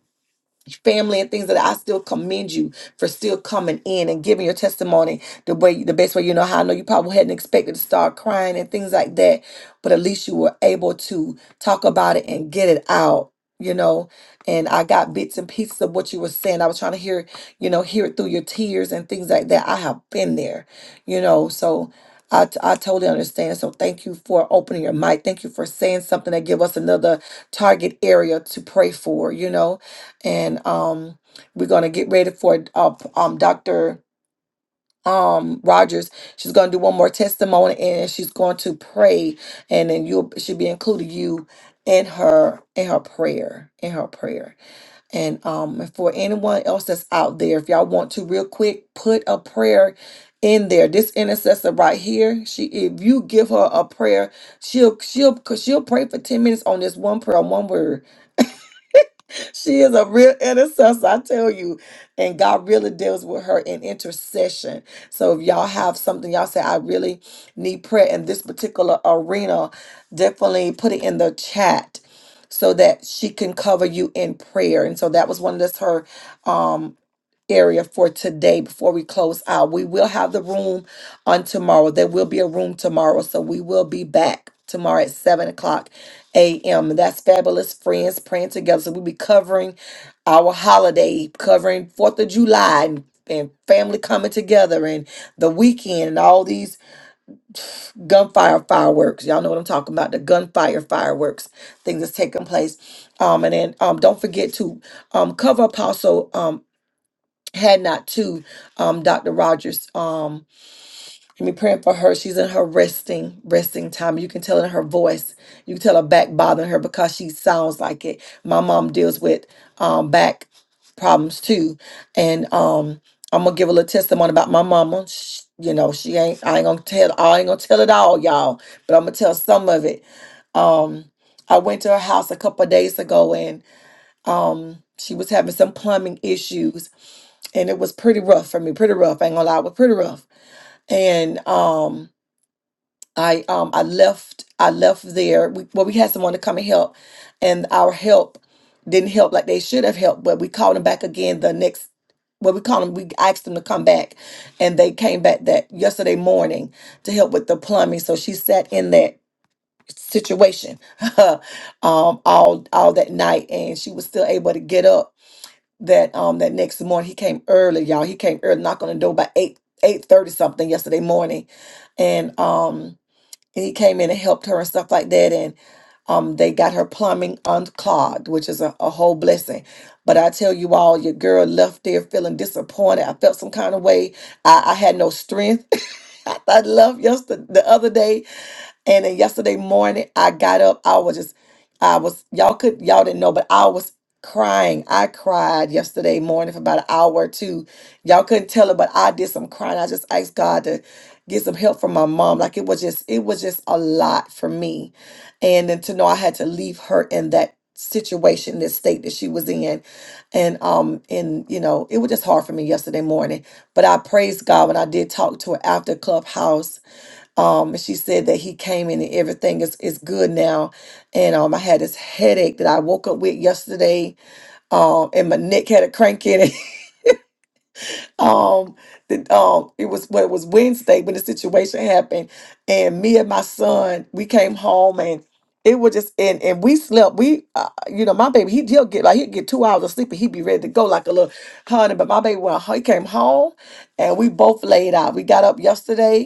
S1: family and things that I still commend you for still coming in and giving your testimony the way the best way you know how I know you probably hadn't expected to start crying and things like that but at least you were able to talk about it and get it out you know and I got bits and pieces of what you were saying I was trying to hear you know hear it through your tears and things like that I have been there you know so I, t- I totally understand. So thank you for opening your mic. Thank you for saying something that give us another target area to pray for, you know and um, we're gonna get ready for uh, um Dr. Um, Rogers. She's gonna do one more testimony, and she's going to pray, and then you'll she'll be including you in her in her prayer in her prayer. And um, and for anyone else that's out there, if y'all want to, real quick, put a prayer in there. This intercessor right here, she if you give her a prayer, she'll she'll she'll pray for ten minutes on this one prayer, on one word she is a real intercessor, I tell you. And God really deals with her in intercession. So if y'all have something, y'all say, I really need prayer in this particular arena, definitely put it in the chat so that she can cover you in prayer. And so that was one of this her um, area for today before we close out. We will have the room on tomorrow. There will be a room tomorrow. So we will be back tomorrow at 7 o'clock a.m. That's Fabulous Friends Praying Together. So we'll be covering our holiday, covering 4th of July and, and family coming together and the weekend and all these gunfire fireworks. Y'all know what I'm talking about the gunfire fireworks, things that's taking place. Um, and then um, don't forget to um, cover Apostle. um, had not to um Dr. Rogers um and me praying for her. She's in her resting, resting time. You can tell in her voice. You can tell her back bothering her because she sounds like it. My mom deals with um back problems too. And um I'm gonna give a little testimony about my mama. Sh you know, she ain't I ain't gonna tell I ain't gonna tell it all, y'all, but I'm gonna tell some of it. Um I went to her house a couple of days ago um, she was having some plumbing issues, and it was pretty rough for me. Pretty rough. I ain't gonna lie, it was pretty rough. And um, I um, I left. I left there. We, well, we had someone to come and help, and our help didn't help like they should have helped. But we called them back again the next well, we called them, we asked them to come back, and they came back that yesterday morning to help with the plumbing. So she sat in that situation [laughs] um, all all that night, and she was still able to get up that um that next morning he came early y'all he came early knock on the door by 8 eight thirty something yesterday morning and um and he came in and helped her and stuff like that and um they got her plumbing unclogged which is a, a whole blessing but i tell you all your girl left there feeling disappointed i felt some kind of way i, I had no strength [laughs] I thought love yesterday the other day. And then yesterday morning, I got up. I was just, I was, y'all could, y'all didn't know, but I was crying. I cried yesterday morning for about an hour or two. Y'all couldn't tell it, but I did some crying. I just asked God to get some help from my mom. Like it was just, it was just a lot for me. And then to know I had to leave her in that situation, this state that she was in. And um, and you know, it was just hard for me yesterday morning. But I praised God when I did talk to her after Clubhouse um, and she said that he came in and everything is, is good now. And um, I had this headache that I woke up with yesterday. Um, and my neck had a crank in it. [laughs] um, the, um, it was well, it was Wednesday when the situation happened. And me and my son, we came home and it was just and and we slept. We, uh, you know, my baby, he, he'll get like he'd get two hours of sleep and he'd be ready to go like a little honey. But my baby, when he came home, and we both laid out. We got up yesterday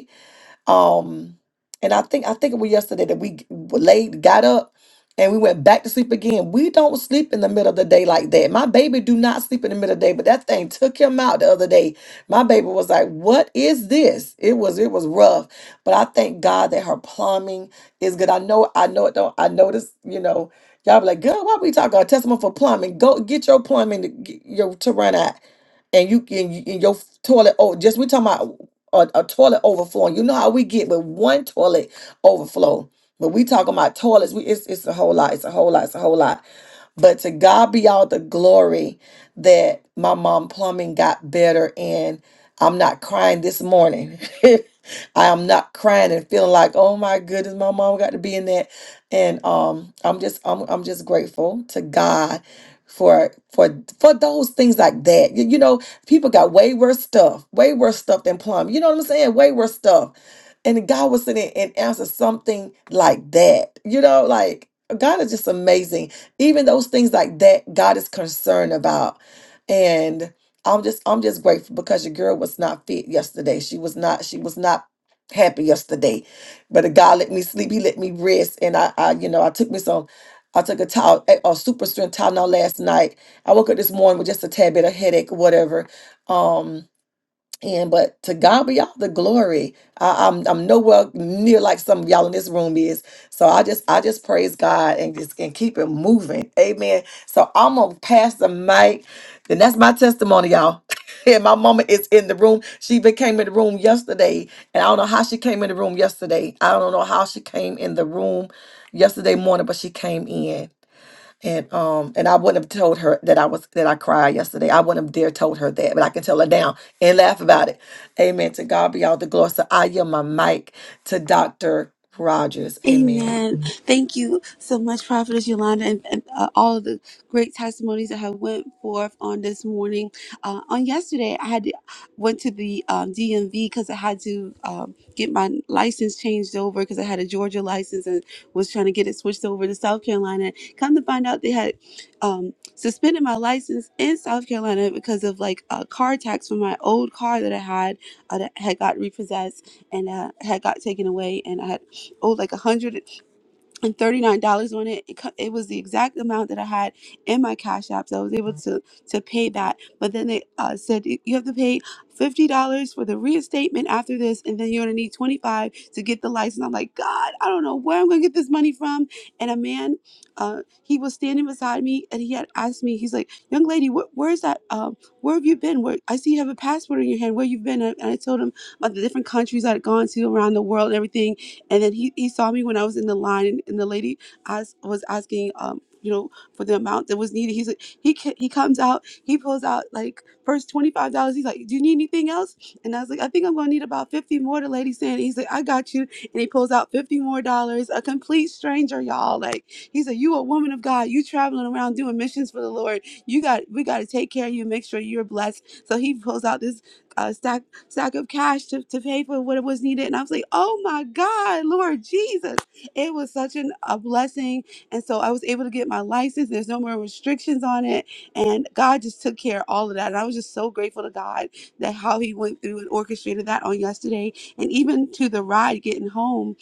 S1: um, and I think I think it was yesterday that we g- laid, got up, and we went back to sleep again. We don't sleep in the middle of the day like that. My baby do not sleep in the middle of the day, but that thing took him out the other day. My baby was like, "What is this?" It was it was rough, but I thank God that her plumbing is good. I know I know it don't. I noticed, you know. Y'all be like, girl, why we talking about testimony for plumbing? Go get your plumbing to get your to run out and you can and your toilet. Oh, just we talking about or a toilet overflowing. You know how we get with one toilet overflow. But we talking about toilets. We it's it's a whole lot. It's a whole lot. It's a whole lot. But to God be all the glory that my mom plumbing got better and I'm not crying this morning. [laughs] I am not crying and feeling like, oh my goodness, my mom got to be in that. And um I'm just I'm I'm just grateful to God for for for those things like that. You, you know, People got way worse stuff, way worse stuff than plumbing. You know what I'm saying? Way worse stuff. And God was sitting and answer something like that. You know, like God is just amazing. Even those things like that, God is concerned about. And I'm just I'm just grateful because your girl was not fit yesterday. She was not, she was not happy yesterday. But God let me sleep. He let me rest. And I, I you know, I took me some, I took a towel, a, a super strength Tylenol last night. I woke up this morning with just a tad bit of headache or whatever um, and but to God be all the glory. I, I'm I'm nowhere near like some of y'all in this room is. So I just I just praise God and just and keep it moving. Amen. So I'm gonna pass the mic, and that's my testimony, y'all. [laughs] And my mama is in the room. She became in the room yesterday, and I don't know how she came in the room yesterday. I don't know how she came in the room yesterday morning, but she came in. And um and I wouldn't have told her that I was that I cried yesterday. I wouldn't have dare told her that, but I can tell her now and laugh about it. Amen. To God be all the glory. So I yield my mic to Dr. Rogers. Amen.
S3: Amen. Thank you so much, Prophetess Yolanda, and, and uh, all of the great testimonies that have went forth on this morning. Uh, on yesterday, I had to, went to the um, DMV because I had to um, get my license changed over because I had a Georgia license and was trying to get it switched over to South Carolina. Come to find out, they had um, suspended my license in South Carolina because of like a car tax from my old car that I had uh, that had got repossessed and uh, had got taken away, and I had owed like $139 on it. It, co- it was the exact amount that I had in my Cash App. So I was able to, to pay that. But then they uh, said, you you have to pay $50 for the reinstatement after this. And then you're going to need 25 to get the license. I'm like, God, I don't know where I'm going to get this money from. And a man, uh, he was standing beside me and he had asked me, he's like, young lady, wh- where's that? Um, where have you been? Where I see you have a passport in your hand. Where you been? And I and I told him about the different countries I'd gone to around the world and everything and then he, he saw me when I was in the line, and, and the lady asked, was asking, um, you know, for the amount that was needed. He's like, he ca- he comes out, he pulls out like first twenty five dollars. He's like, "Do you need anything else?" And I was like, "I think I'm gonna need about fifty more." The lady saying, he's like, "I got you," and he pulls out fifty more dollars. A complete stranger, y'all. Like he said, "You a woman of God. You traveling around doing missions for the Lord. You got we got to take care of you, and make sure you're blessed." So he pulls out this. uh, stack sack of cash to, to pay for what was needed. And I was like, oh my God, Lord Jesus. It was such an, a blessing. And so I was able to get my license. There's no more restrictions on it. And God just took care of all of that. And I was just so grateful to God that how He went through and orchestrated that on yesterday. And even to the ride getting home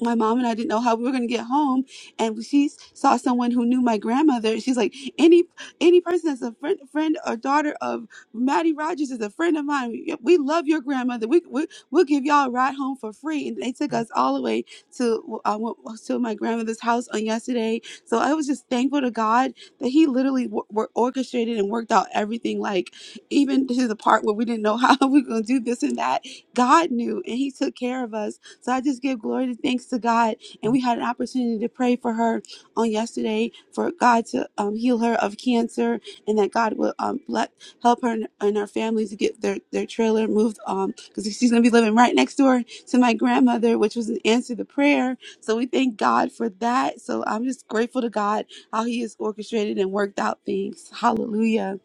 S3: my mom and I didn't know how we were going to get home, and she saw someone who knew my grandmother. She's like, any any person that's a friend, friend or daughter of Maddie Rogers is a friend of mine. We, we love your grandmother. We, we we'll give y'all a ride home for free. And they took us all the way to uh, wa- to my grandmother's house on yesterday. So I was just thankful to God that He literally w- orchestrated and worked out everything. Like even to the part where we didn't know how [laughs] we were going to do this and that, God knew, and He took care of us so I just give glory and thanks to God. And we had an opportunity to pray for her on yesterday for God to um, heal her of cancer and that God will um, let, help her and, and her family to get their, their trailer moved um because she's going to be living right next door to my grandmother, which was an answer to prayer. So we thank God for that. So I'm just grateful to God how He has orchestrated and worked out things. Hallelujah.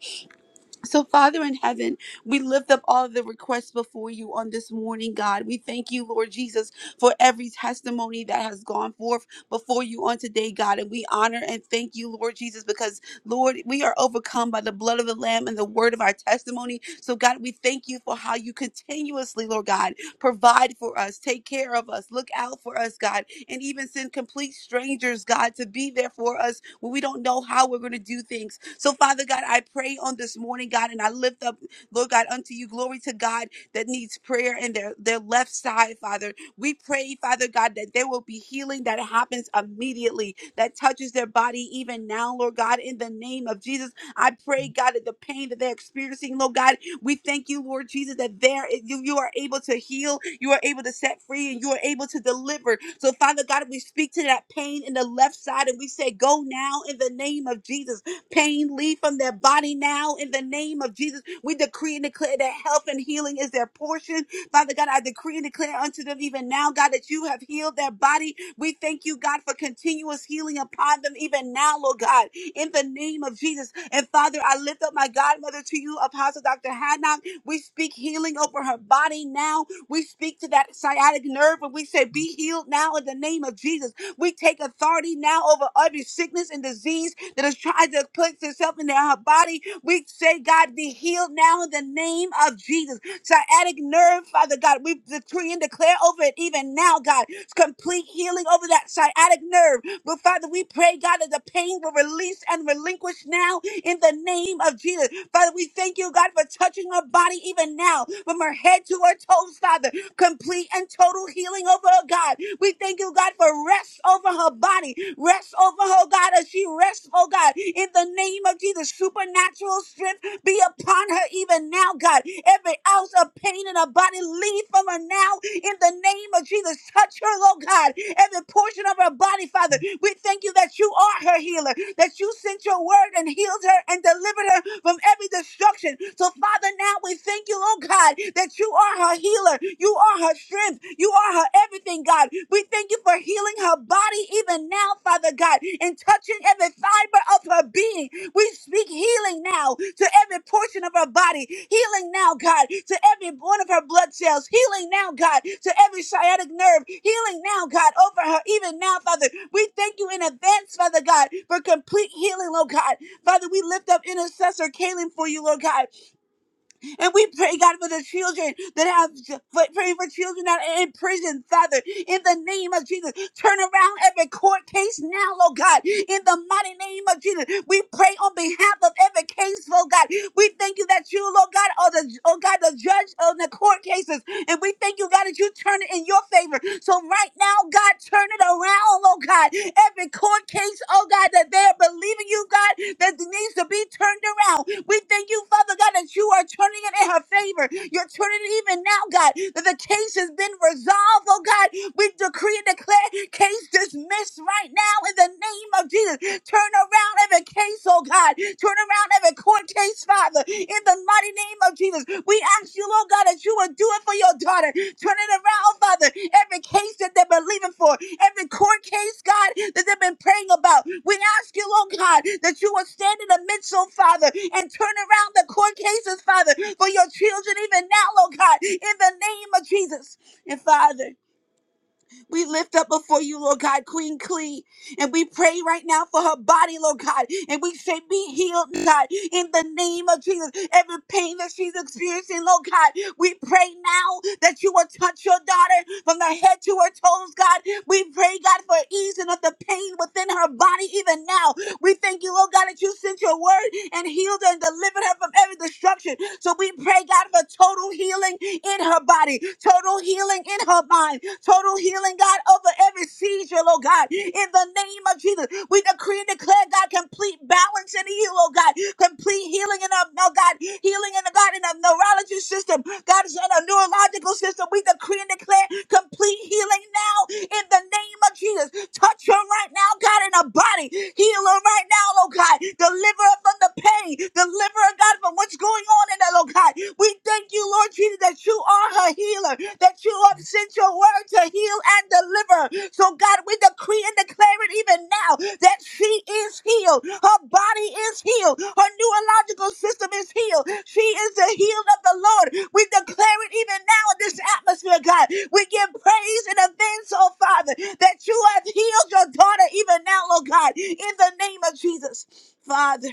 S3: So, Father in heaven, we lift up all of the requests before you on this morning, God. We thank you, Lord Jesus, for every testimony that has gone forth before you on today, God. And we honor and thank you, Lord Jesus, because, Lord, we are overcome by the blood of the Lamb and the word of our testimony. So, God, we thank you for how you continuously, Lord God, provide for us, take care of us, look out for us, God, and even send complete strangers, God, to be there for us when we don't know how we're going to do things. So, Father God, I pray on this morning, God, and I lift up, Lord God, unto you, glory to God that needs prayer in their, their left side, Father. We pray, Father God, that there will be healing that happens immediately, that touches their body even now, Lord God, in the name of Jesus. I pray, God, that the pain that they're experiencing, Lord God, we thank you, Lord Jesus, that there is- you, you are able to heal, you are able to set free, and you are able to deliver. So, Father God, we speak to that pain in the left side and we say, Go now in the name of Jesus. Pain, leave from their body now in the name of Jesus. We decree and declare that health and healing is their portion. Father God, I decree and declare unto them even now, God, that you have healed their body. We thank you, God, for continuous healing upon them even now, Lord God in the name of Jesus. And Father, I lift up my godmother to you, Apostle Dr. Hannock. We speak healing over her body now. We speak to that sciatic nerve and we say, Be healed now in the name of Jesus. We take authority now over every sickness and disease that has tried to put itself in her body. We say, God, be healed now in the name of Jesus. Sciatic nerve, Father God, we decree and declare over it even now, God. Complete healing over that sciatic nerve. But Father, we pray, God, that the pain will release and relinquish now in the name of Jesus. Father, we thank you, God, for touching her body even now from her head to her toes, Father complete and total healing over her, God. We thank you, God, for rest over her body, rest over her, God, as she rests, oh God, in the name of Jesus. Supernatural strength be upon her even now, God. Every ounce of pain in her body leave from her now in the name of Jesus. Touch her, oh God. Every portion of her body, Father, we thank you that you are her healer, that you sent your word and healed her and delivered her from every destruction. So, Father, Father, now we thank you, Lord God, that you are her healer. You are her strength. You are her everything, God. We thank you for healing her body even now, Father God, and touching every fiber of her being. We speak healing now to every portion of her body. Healing now, God, to every one of her blood cells. Healing now, God, to every sciatic nerve. Healing now, God, over her even now, Father. We thank you in advance, Father God, for complete healing, Lord God. Father, we lift up intercessor Kaylin for you, Lord God. And we pray, God, for the children that have, for, pray for children that are in prison, Father, in the name of Jesus. Turn around every court case now, Lord God, in the mighty name of Jesus. We pray on behalf of every case, Lord God. We thank you that you, Lord God, are the, oh God, the judge of the court cases. And we thank you, God, that you turn it in your favor. So right now, God, God, turn it around, oh God. Every court case, oh God, that they're believing you, God, that needs to be turned around. We thank you, Father God, that you are turning it in her favor. You're turning it even now, God, that the case has been resolved, oh God. We decree and declare case dismissed right now in the name of Jesus. Turn around every case, oh God. Turn around down every court case, Father, in the mighty name of Jesus. We ask you, Lord God, that you will do it for your daughter. Turn it around, Father. Every case that they're believing for, every court case, God, that they've been praying about. We ask you, Lord God, that you will stand in the midst, oh Father, and turn around the court cases, Father, for your children even now, Lord God, in the name of Jesus. And Father, we lift up before you, Lord God, Queen Clee. And we pray right now for her body, Lord God. And we say, be healed, God, in the name of Jesus. Every pain that she's experiencing, Lord God, we pray now that you will touch your daughter from the head to her toes, God. We pray, God, for easing of the pain within her body even now. We thank you, Lord God, that you sent your word and healed her and delivered her from every destruction. So we pray, God, for total healing in her body, total healing in her mind, total healing, God, over every seizure, Lord God. In the name of Jesus, we decree and declare, God, complete balance in you, Lord God, complete healing in her, oh God, healing in the God in her neurology neurology system God is in a neurological system. We decree and declare complete healing now in the name of Jesus. Touch her right now, God, in her body. Heal her right now, oh God. Deliver her from the pain. Deliver her, God, from what's going on in her, oh God. We thank you, Lord Jesus, that you are her healer, that you have sent your word to heal and deliver her. So, God, we decree and declare it even now that she is healed. Her body is healed. Her neurological system is healed. She is the healed of the Lord. We declare it even now in this atmosphere, God. We give praise in advance, oh Father, that you have healed your daughter even now, oh God, in the name of Jesus. Father.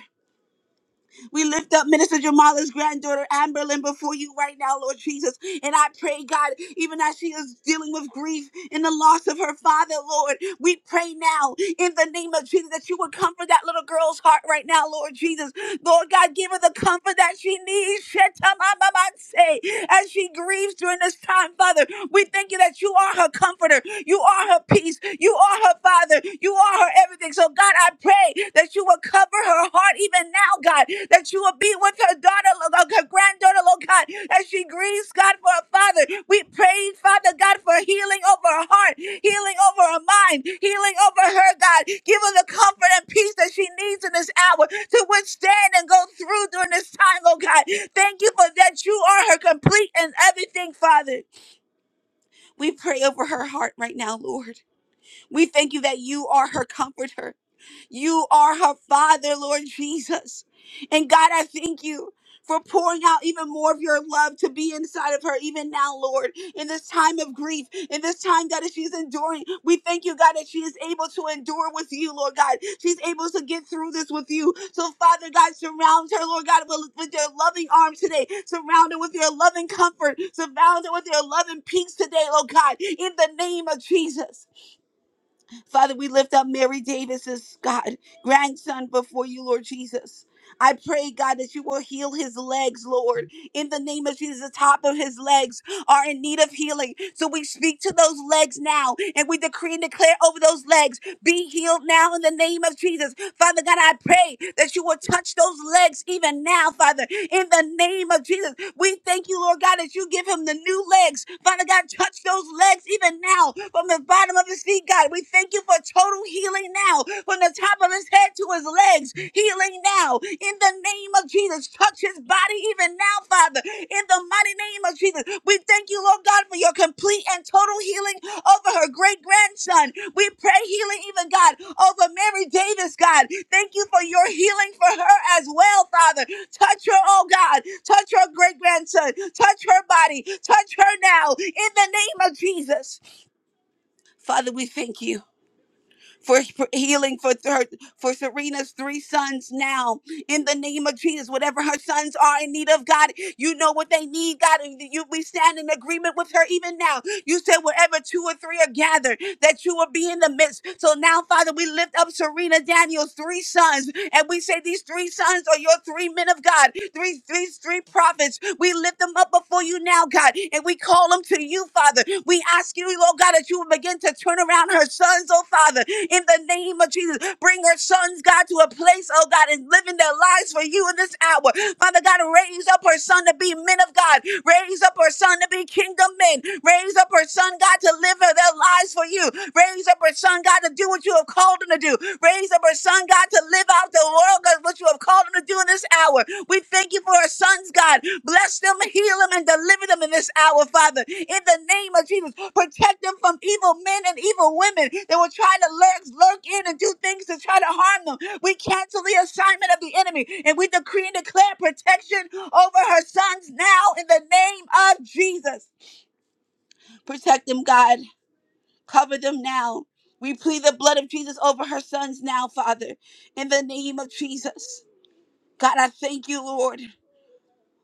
S3: We lift up Minister Jamala's granddaughter, Amberlyn, before you right now, Lord Jesus. And I pray, God, even as she is dealing with grief in the loss of her father, Lord, we pray now in the name of Jesus that you would comfort that little girl's heart right now, Lord Jesus. Lord God, give her the comfort that she needs. Shetamamamanse, As she grieves during this time, Father, we thank you that you are her comforter. You are her peace. You are her father. You are her everything. So, God, I pray that you will cover her heart even now, God, that you will be with her daughter, Lord God, her granddaughter, Lord God, as she grieves, God, for her father. We pray, Father God, for healing over her heart, healing over her mind, healing over her, God. Give her the comfort and peace that she needs in this hour to withstand and go through during this time, Lord God. Thank you for that. You are her complete and everything, Father. We pray over her heart right now, Lord. We thank you that you are her comforter you are her father, Lord Jesus. And God, I thank you for pouring out even more of your love to be inside of her, even now, Lord, in this time of grief, in this time, God, that she's enduring. We thank you, God, that she is able to endure with you, Lord God. She's able to get through this with you. So, Father God, surround her, Lord God, with, with your loving arms today. Surround her with your loving comfort. Surround her with your loving peace today, Lord God, in the name of Jesus. Father, we lift up Mary Davis's God grandson before you, Lord Jesus. I pray, God, that you will heal his legs, Lord. In the name of Jesus, the top of his legs are in need of healing. So we speak to those legs now and we decree and declare over those legs be healed now in the name of Jesus. Father God, I pray that you will touch those legs even now, Father, in the name of Jesus. We thank you, Lord God, that you give him the new legs. Father God, touch those legs even now from the bottom of his feet, God. We thank you for total healing now from the top of his head to his legs. Healing now in the name of Jesus. Touch his body even now, Father, in the mighty name of Jesus. We thank you, Lord God, for your complete and total healing over her great grandson. We pray healing, even God, over Mary Davis, God. Thank you for your healing for her as well, Father. Touch her, oh God. Touch her great grandson. Touch her body. Touch her now in the name of Jesus. Father, we thank you for, for healing for her, for Serena's three sons now in the name of Jesus. Whatever her sons are in need of, God, you know what they need, God, and you we stand in agreement with her even now. You said wherever two or three are gathered, that you will be in the midst. So now, Father, we lift up Serena Daniel's three sons, and we say these three sons are your three men of God, three, three, three prophets. We lift them up before you now, God, and we call them to you, Father. Father. We ask you, Lord God, that you would begin to turn around her sons, oh Father, in the name of Jesus. Bring her sons, God, to a place, oh God, and living their lives for you in this hour. Father God, raise up her son to be men of God. Raise up her son to be kingdom men. Raise up her son, God, to live their lives for you. Raise up her son, God, to do what you have called him to do. Raise up her son, God, to live out the world God, what you have called them to do in this hour. We thank you for our sons, God. Bless them, heal them, and deliver them in this hour, Father. In the name of Jesus, protect them from evil men and evil women that will try to lurk, lurk in and do things to try to harm them. We cancel the assignment of the enemy and we decree and declare protection over her sons now in the name of Jesus. Protect them, God. Cover them now. We plead the blood of Jesus over her sons now, Father, in the name of Jesus. God, I thank you, Lord.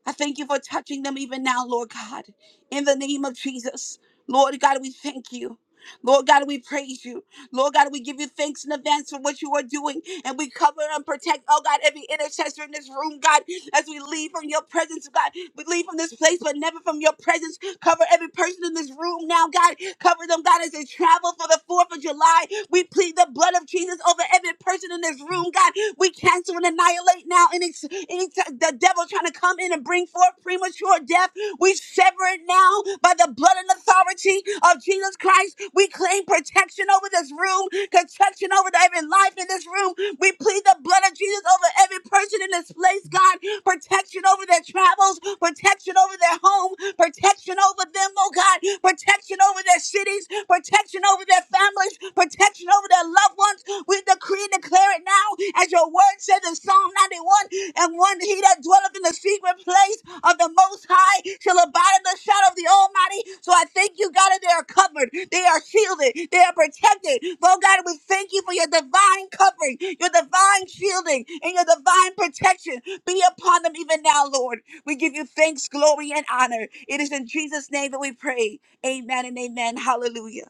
S3: I thank you for touching them even now, Lord God. In the name of Jesus. Lord God, we thank you. Lord God, we praise you. Lord God, we give you thanks in advance for what you are doing. And we cover and protect, oh God, every intercessor in this room, God, as we leave from your presence, God. We leave from this place, but never from your presence. Cover every person in this room now, God. Cover them, God, as they travel for the 4th of July. We plead the blood of Jesus over every person in this room, God. We cancel and annihilate now any, any t- the devil trying to come in and bring forth premature death. We sever it now by the blood and authority of Jesus Christ. We claim protection over this room, protection over over to every life in this room. We plead the blood of Jesus over every person in this place, God. Protection over their travels, protection over their home, protection over them, oh God. Protection over their cities, protection over their families, protection over their loved ones. We decree and declare it now, as your word says in Psalm 91 and one he that dwelleth in the secret the place of the Most High shall abide in the shadow of the Almighty. So I thank you, God, that they are covered, they are shielded, they are protected. Oh, God, we thank you for your divine covering, your divine shielding, and your divine protection be upon them even now, Lord. We give you thanks, glory, and honor. It is in Jesus' name that we pray. Amen and amen. Hallelujah.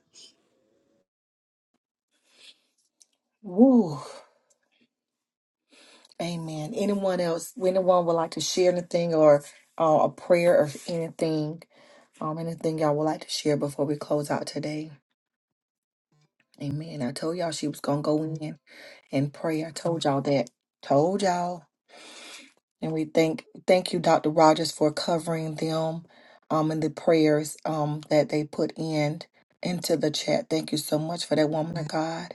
S1: Woo. Amen. Anyone else? Anyone would like to share anything or uh, a prayer or anything? Um, anything y'all would like to share before we close out today? Amen. I told y'all she was gonna go in and pray. I told y'all that. Told y'all. And we thank thank you, Dr. Rogers, for covering them um and the prayers um that they put in into the chat. Thank you so much for that woman of God.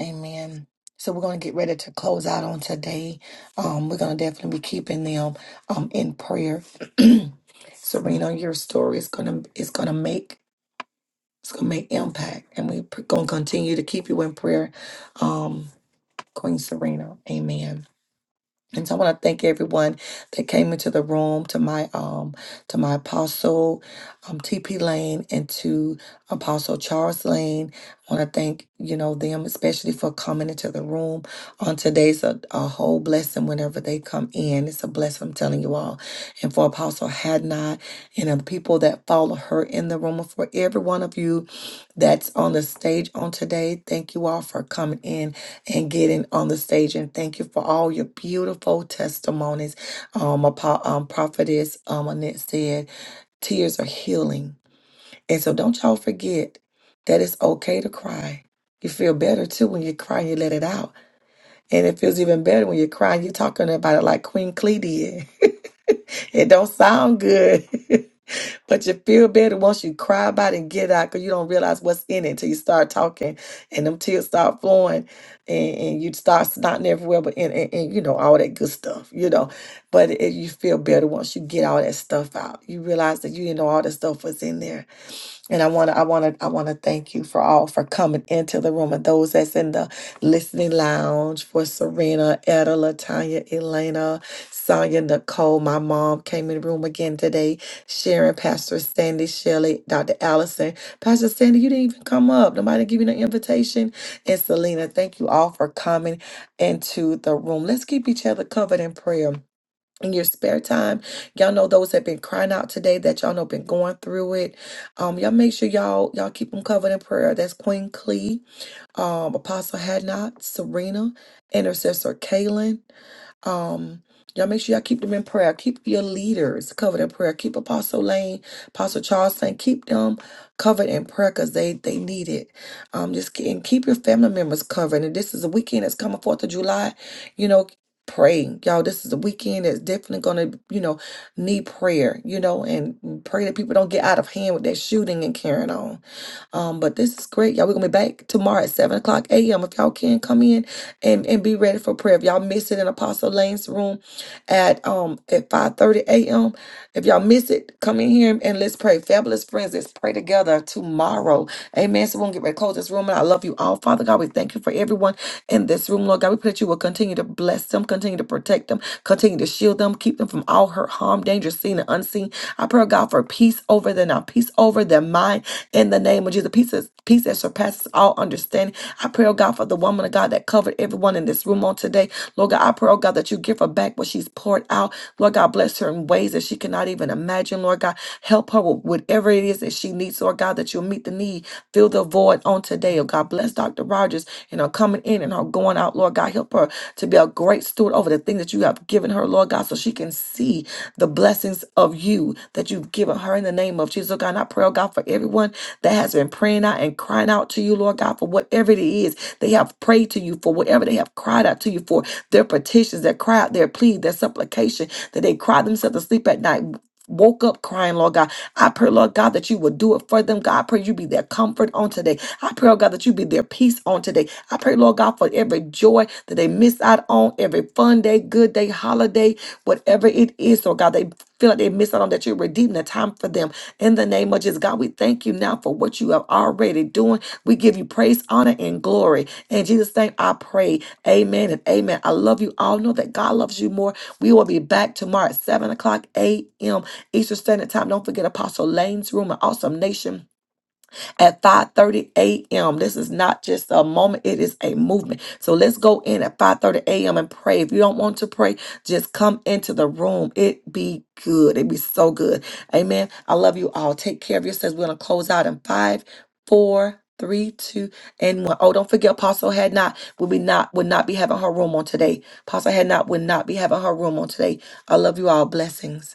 S1: Amen. So we're gonna get ready to close out on today. Um we're gonna definitely be keeping them um in prayer. [clears throat] Serena, your story is gonna is gonna make it's gonna make impact and we're gonna continue to keep you in prayer. Um Queen Serena. Amen. And so I want to thank everyone that came into the room to my um to my apostle um TP Lane and to Apostle Charles Lane. I want to thank you know them especially for coming into the room on today's a, a whole blessing whenever they come in. It's a blessing I'm telling you all. And for Apostle Hadnot and the people that follow her in the room and for every one of you that's on the stage on today. Thank you all for coming in and getting on the stage. And thank you for all your beautiful testimonies. Um, Apo- um prophetess um Annette said, tears are healing. And so don't y'all forget that it's okay to cry. You feel better too when you cry, you let it out. And it feels even better when you're crying, you're talking about it like Queen Clee did. [laughs] it don't sound good. [laughs] But you feel better once you cry about it and get it out because you don't realize what's in it until you start talking and them tears start flowing and, and you start snotting everywhere, but and, and, and you know, all that good stuff, you know. But it, you feel better once you get all that stuff out. You realize that you didn't know all that stuff was in there and I want to, I want to, I want to thank you for all for coming into the room and those that's in the listening lounge for Serena, Etta, Latanya, Elena, Sonia, Nicole. My mom came in the room again today. Sharon, Pastor Sandy, Shelley, Dr. Allison. Pastor Sandy, you didn't even come up. Nobody give you the invitation. And Selena, thank you all for coming into the room. Let's keep each other covered in prayer in your spare time. Y'all know those have been crying out today that y'all know been going through it. Um, y'all make sure y'all y'all keep them covered in prayer. That's Queen Clee, um, Apostle Hadnot, Serena, Intercessor Kaylin. Um, y'all make sure y'all keep them in prayer. Keep your leaders covered in prayer. Keep Apostle Lane, Apostle Charles Lane, keep them covered in prayer because they they need it. Um, just ke- and keep your family members covered. And this is a weekend that's coming Fourth of July. You know, pray, y'all. This is a weekend that's definitely gonna you know need prayer. You know, and pray that people don't get out of hand with that shooting and carrying on. Um, but this is great, y'all. We're gonna be back tomorrow at seven o'clock a.m. If y'all can come in and and be ready for prayer. If y'all miss it in Apostle Lane's room at um at five thirty a.m. If y'all miss it, come in here and let's pray. Fabulous friends, let's pray together tomorrow. Amen. So we're gonna get ready to close this room. And I love you all, Father God. We thank you for everyone in this room, Lord God. We pray that you will continue to bless them, continue to protect them, continue to shield them, keep them from all hurt, harm, danger, seen and unseen. I pray, oh God, for peace over them now, peace over their mind in the name of Jesus. Peace, is, peace that surpasses all understanding. I pray, oh God, for the woman of God that covered everyone in this room on today. Lord God, I pray, oh God, that you give her back what she's poured out. Lord God, bless her in ways that she cannot even imagine. Lord God, help her with whatever it is that she needs, Lord God, that you'll meet the need, fill the void on today. Oh God, bless Dr. Rogers and her coming in and her going out. Lord God, help her to be a great steward over the things that you have given her, Lord God, so she can see the blessings of you that you've given her in the name of Jesus, oh God. And I pray, oh God, for everyone that has been praying out and crying out to you, Lord God, for whatever it is they have prayed to you for, whatever they have cried out to you for, their petitions, their cry out, their plea, their supplication, that they cried themselves to sleep at night. Woke up crying, Lord God. I pray, Lord God, that you will do it for them. God, I pray you be their comfort on today. I pray, Lord God, that you be their peace on today. I pray, Lord God, for every joy that they miss out on, every fun day, good day, holiday, whatever it is, Lord God, they feel like they miss out on that you're redeeming the time for them. In the name of Jesus, God, we thank you now for what you have already doing. We give you praise, honor, and glory. In Jesus' name, I pray. Amen and amen. I love you all. Know that God loves you more. We will be back tomorrow at 7 o'clock a.m. Eastern Standard Time. Don't forget Apostle Lane's Room An Awesome Nation at 5:30 a.m. This is not just a moment, it is a movement. So let's go in at 5:30 a.m. and pray. If you don't want to pray, just come into the room. It be good. It be so good. Amen. I love you all. Take care of yourselves. We're gonna close out in five, four, three, two, and one. Oh, don't forget Apostle had not would be not would not be having her room on today. Apostle had not would not be having her room on today. I love you all. Blessings.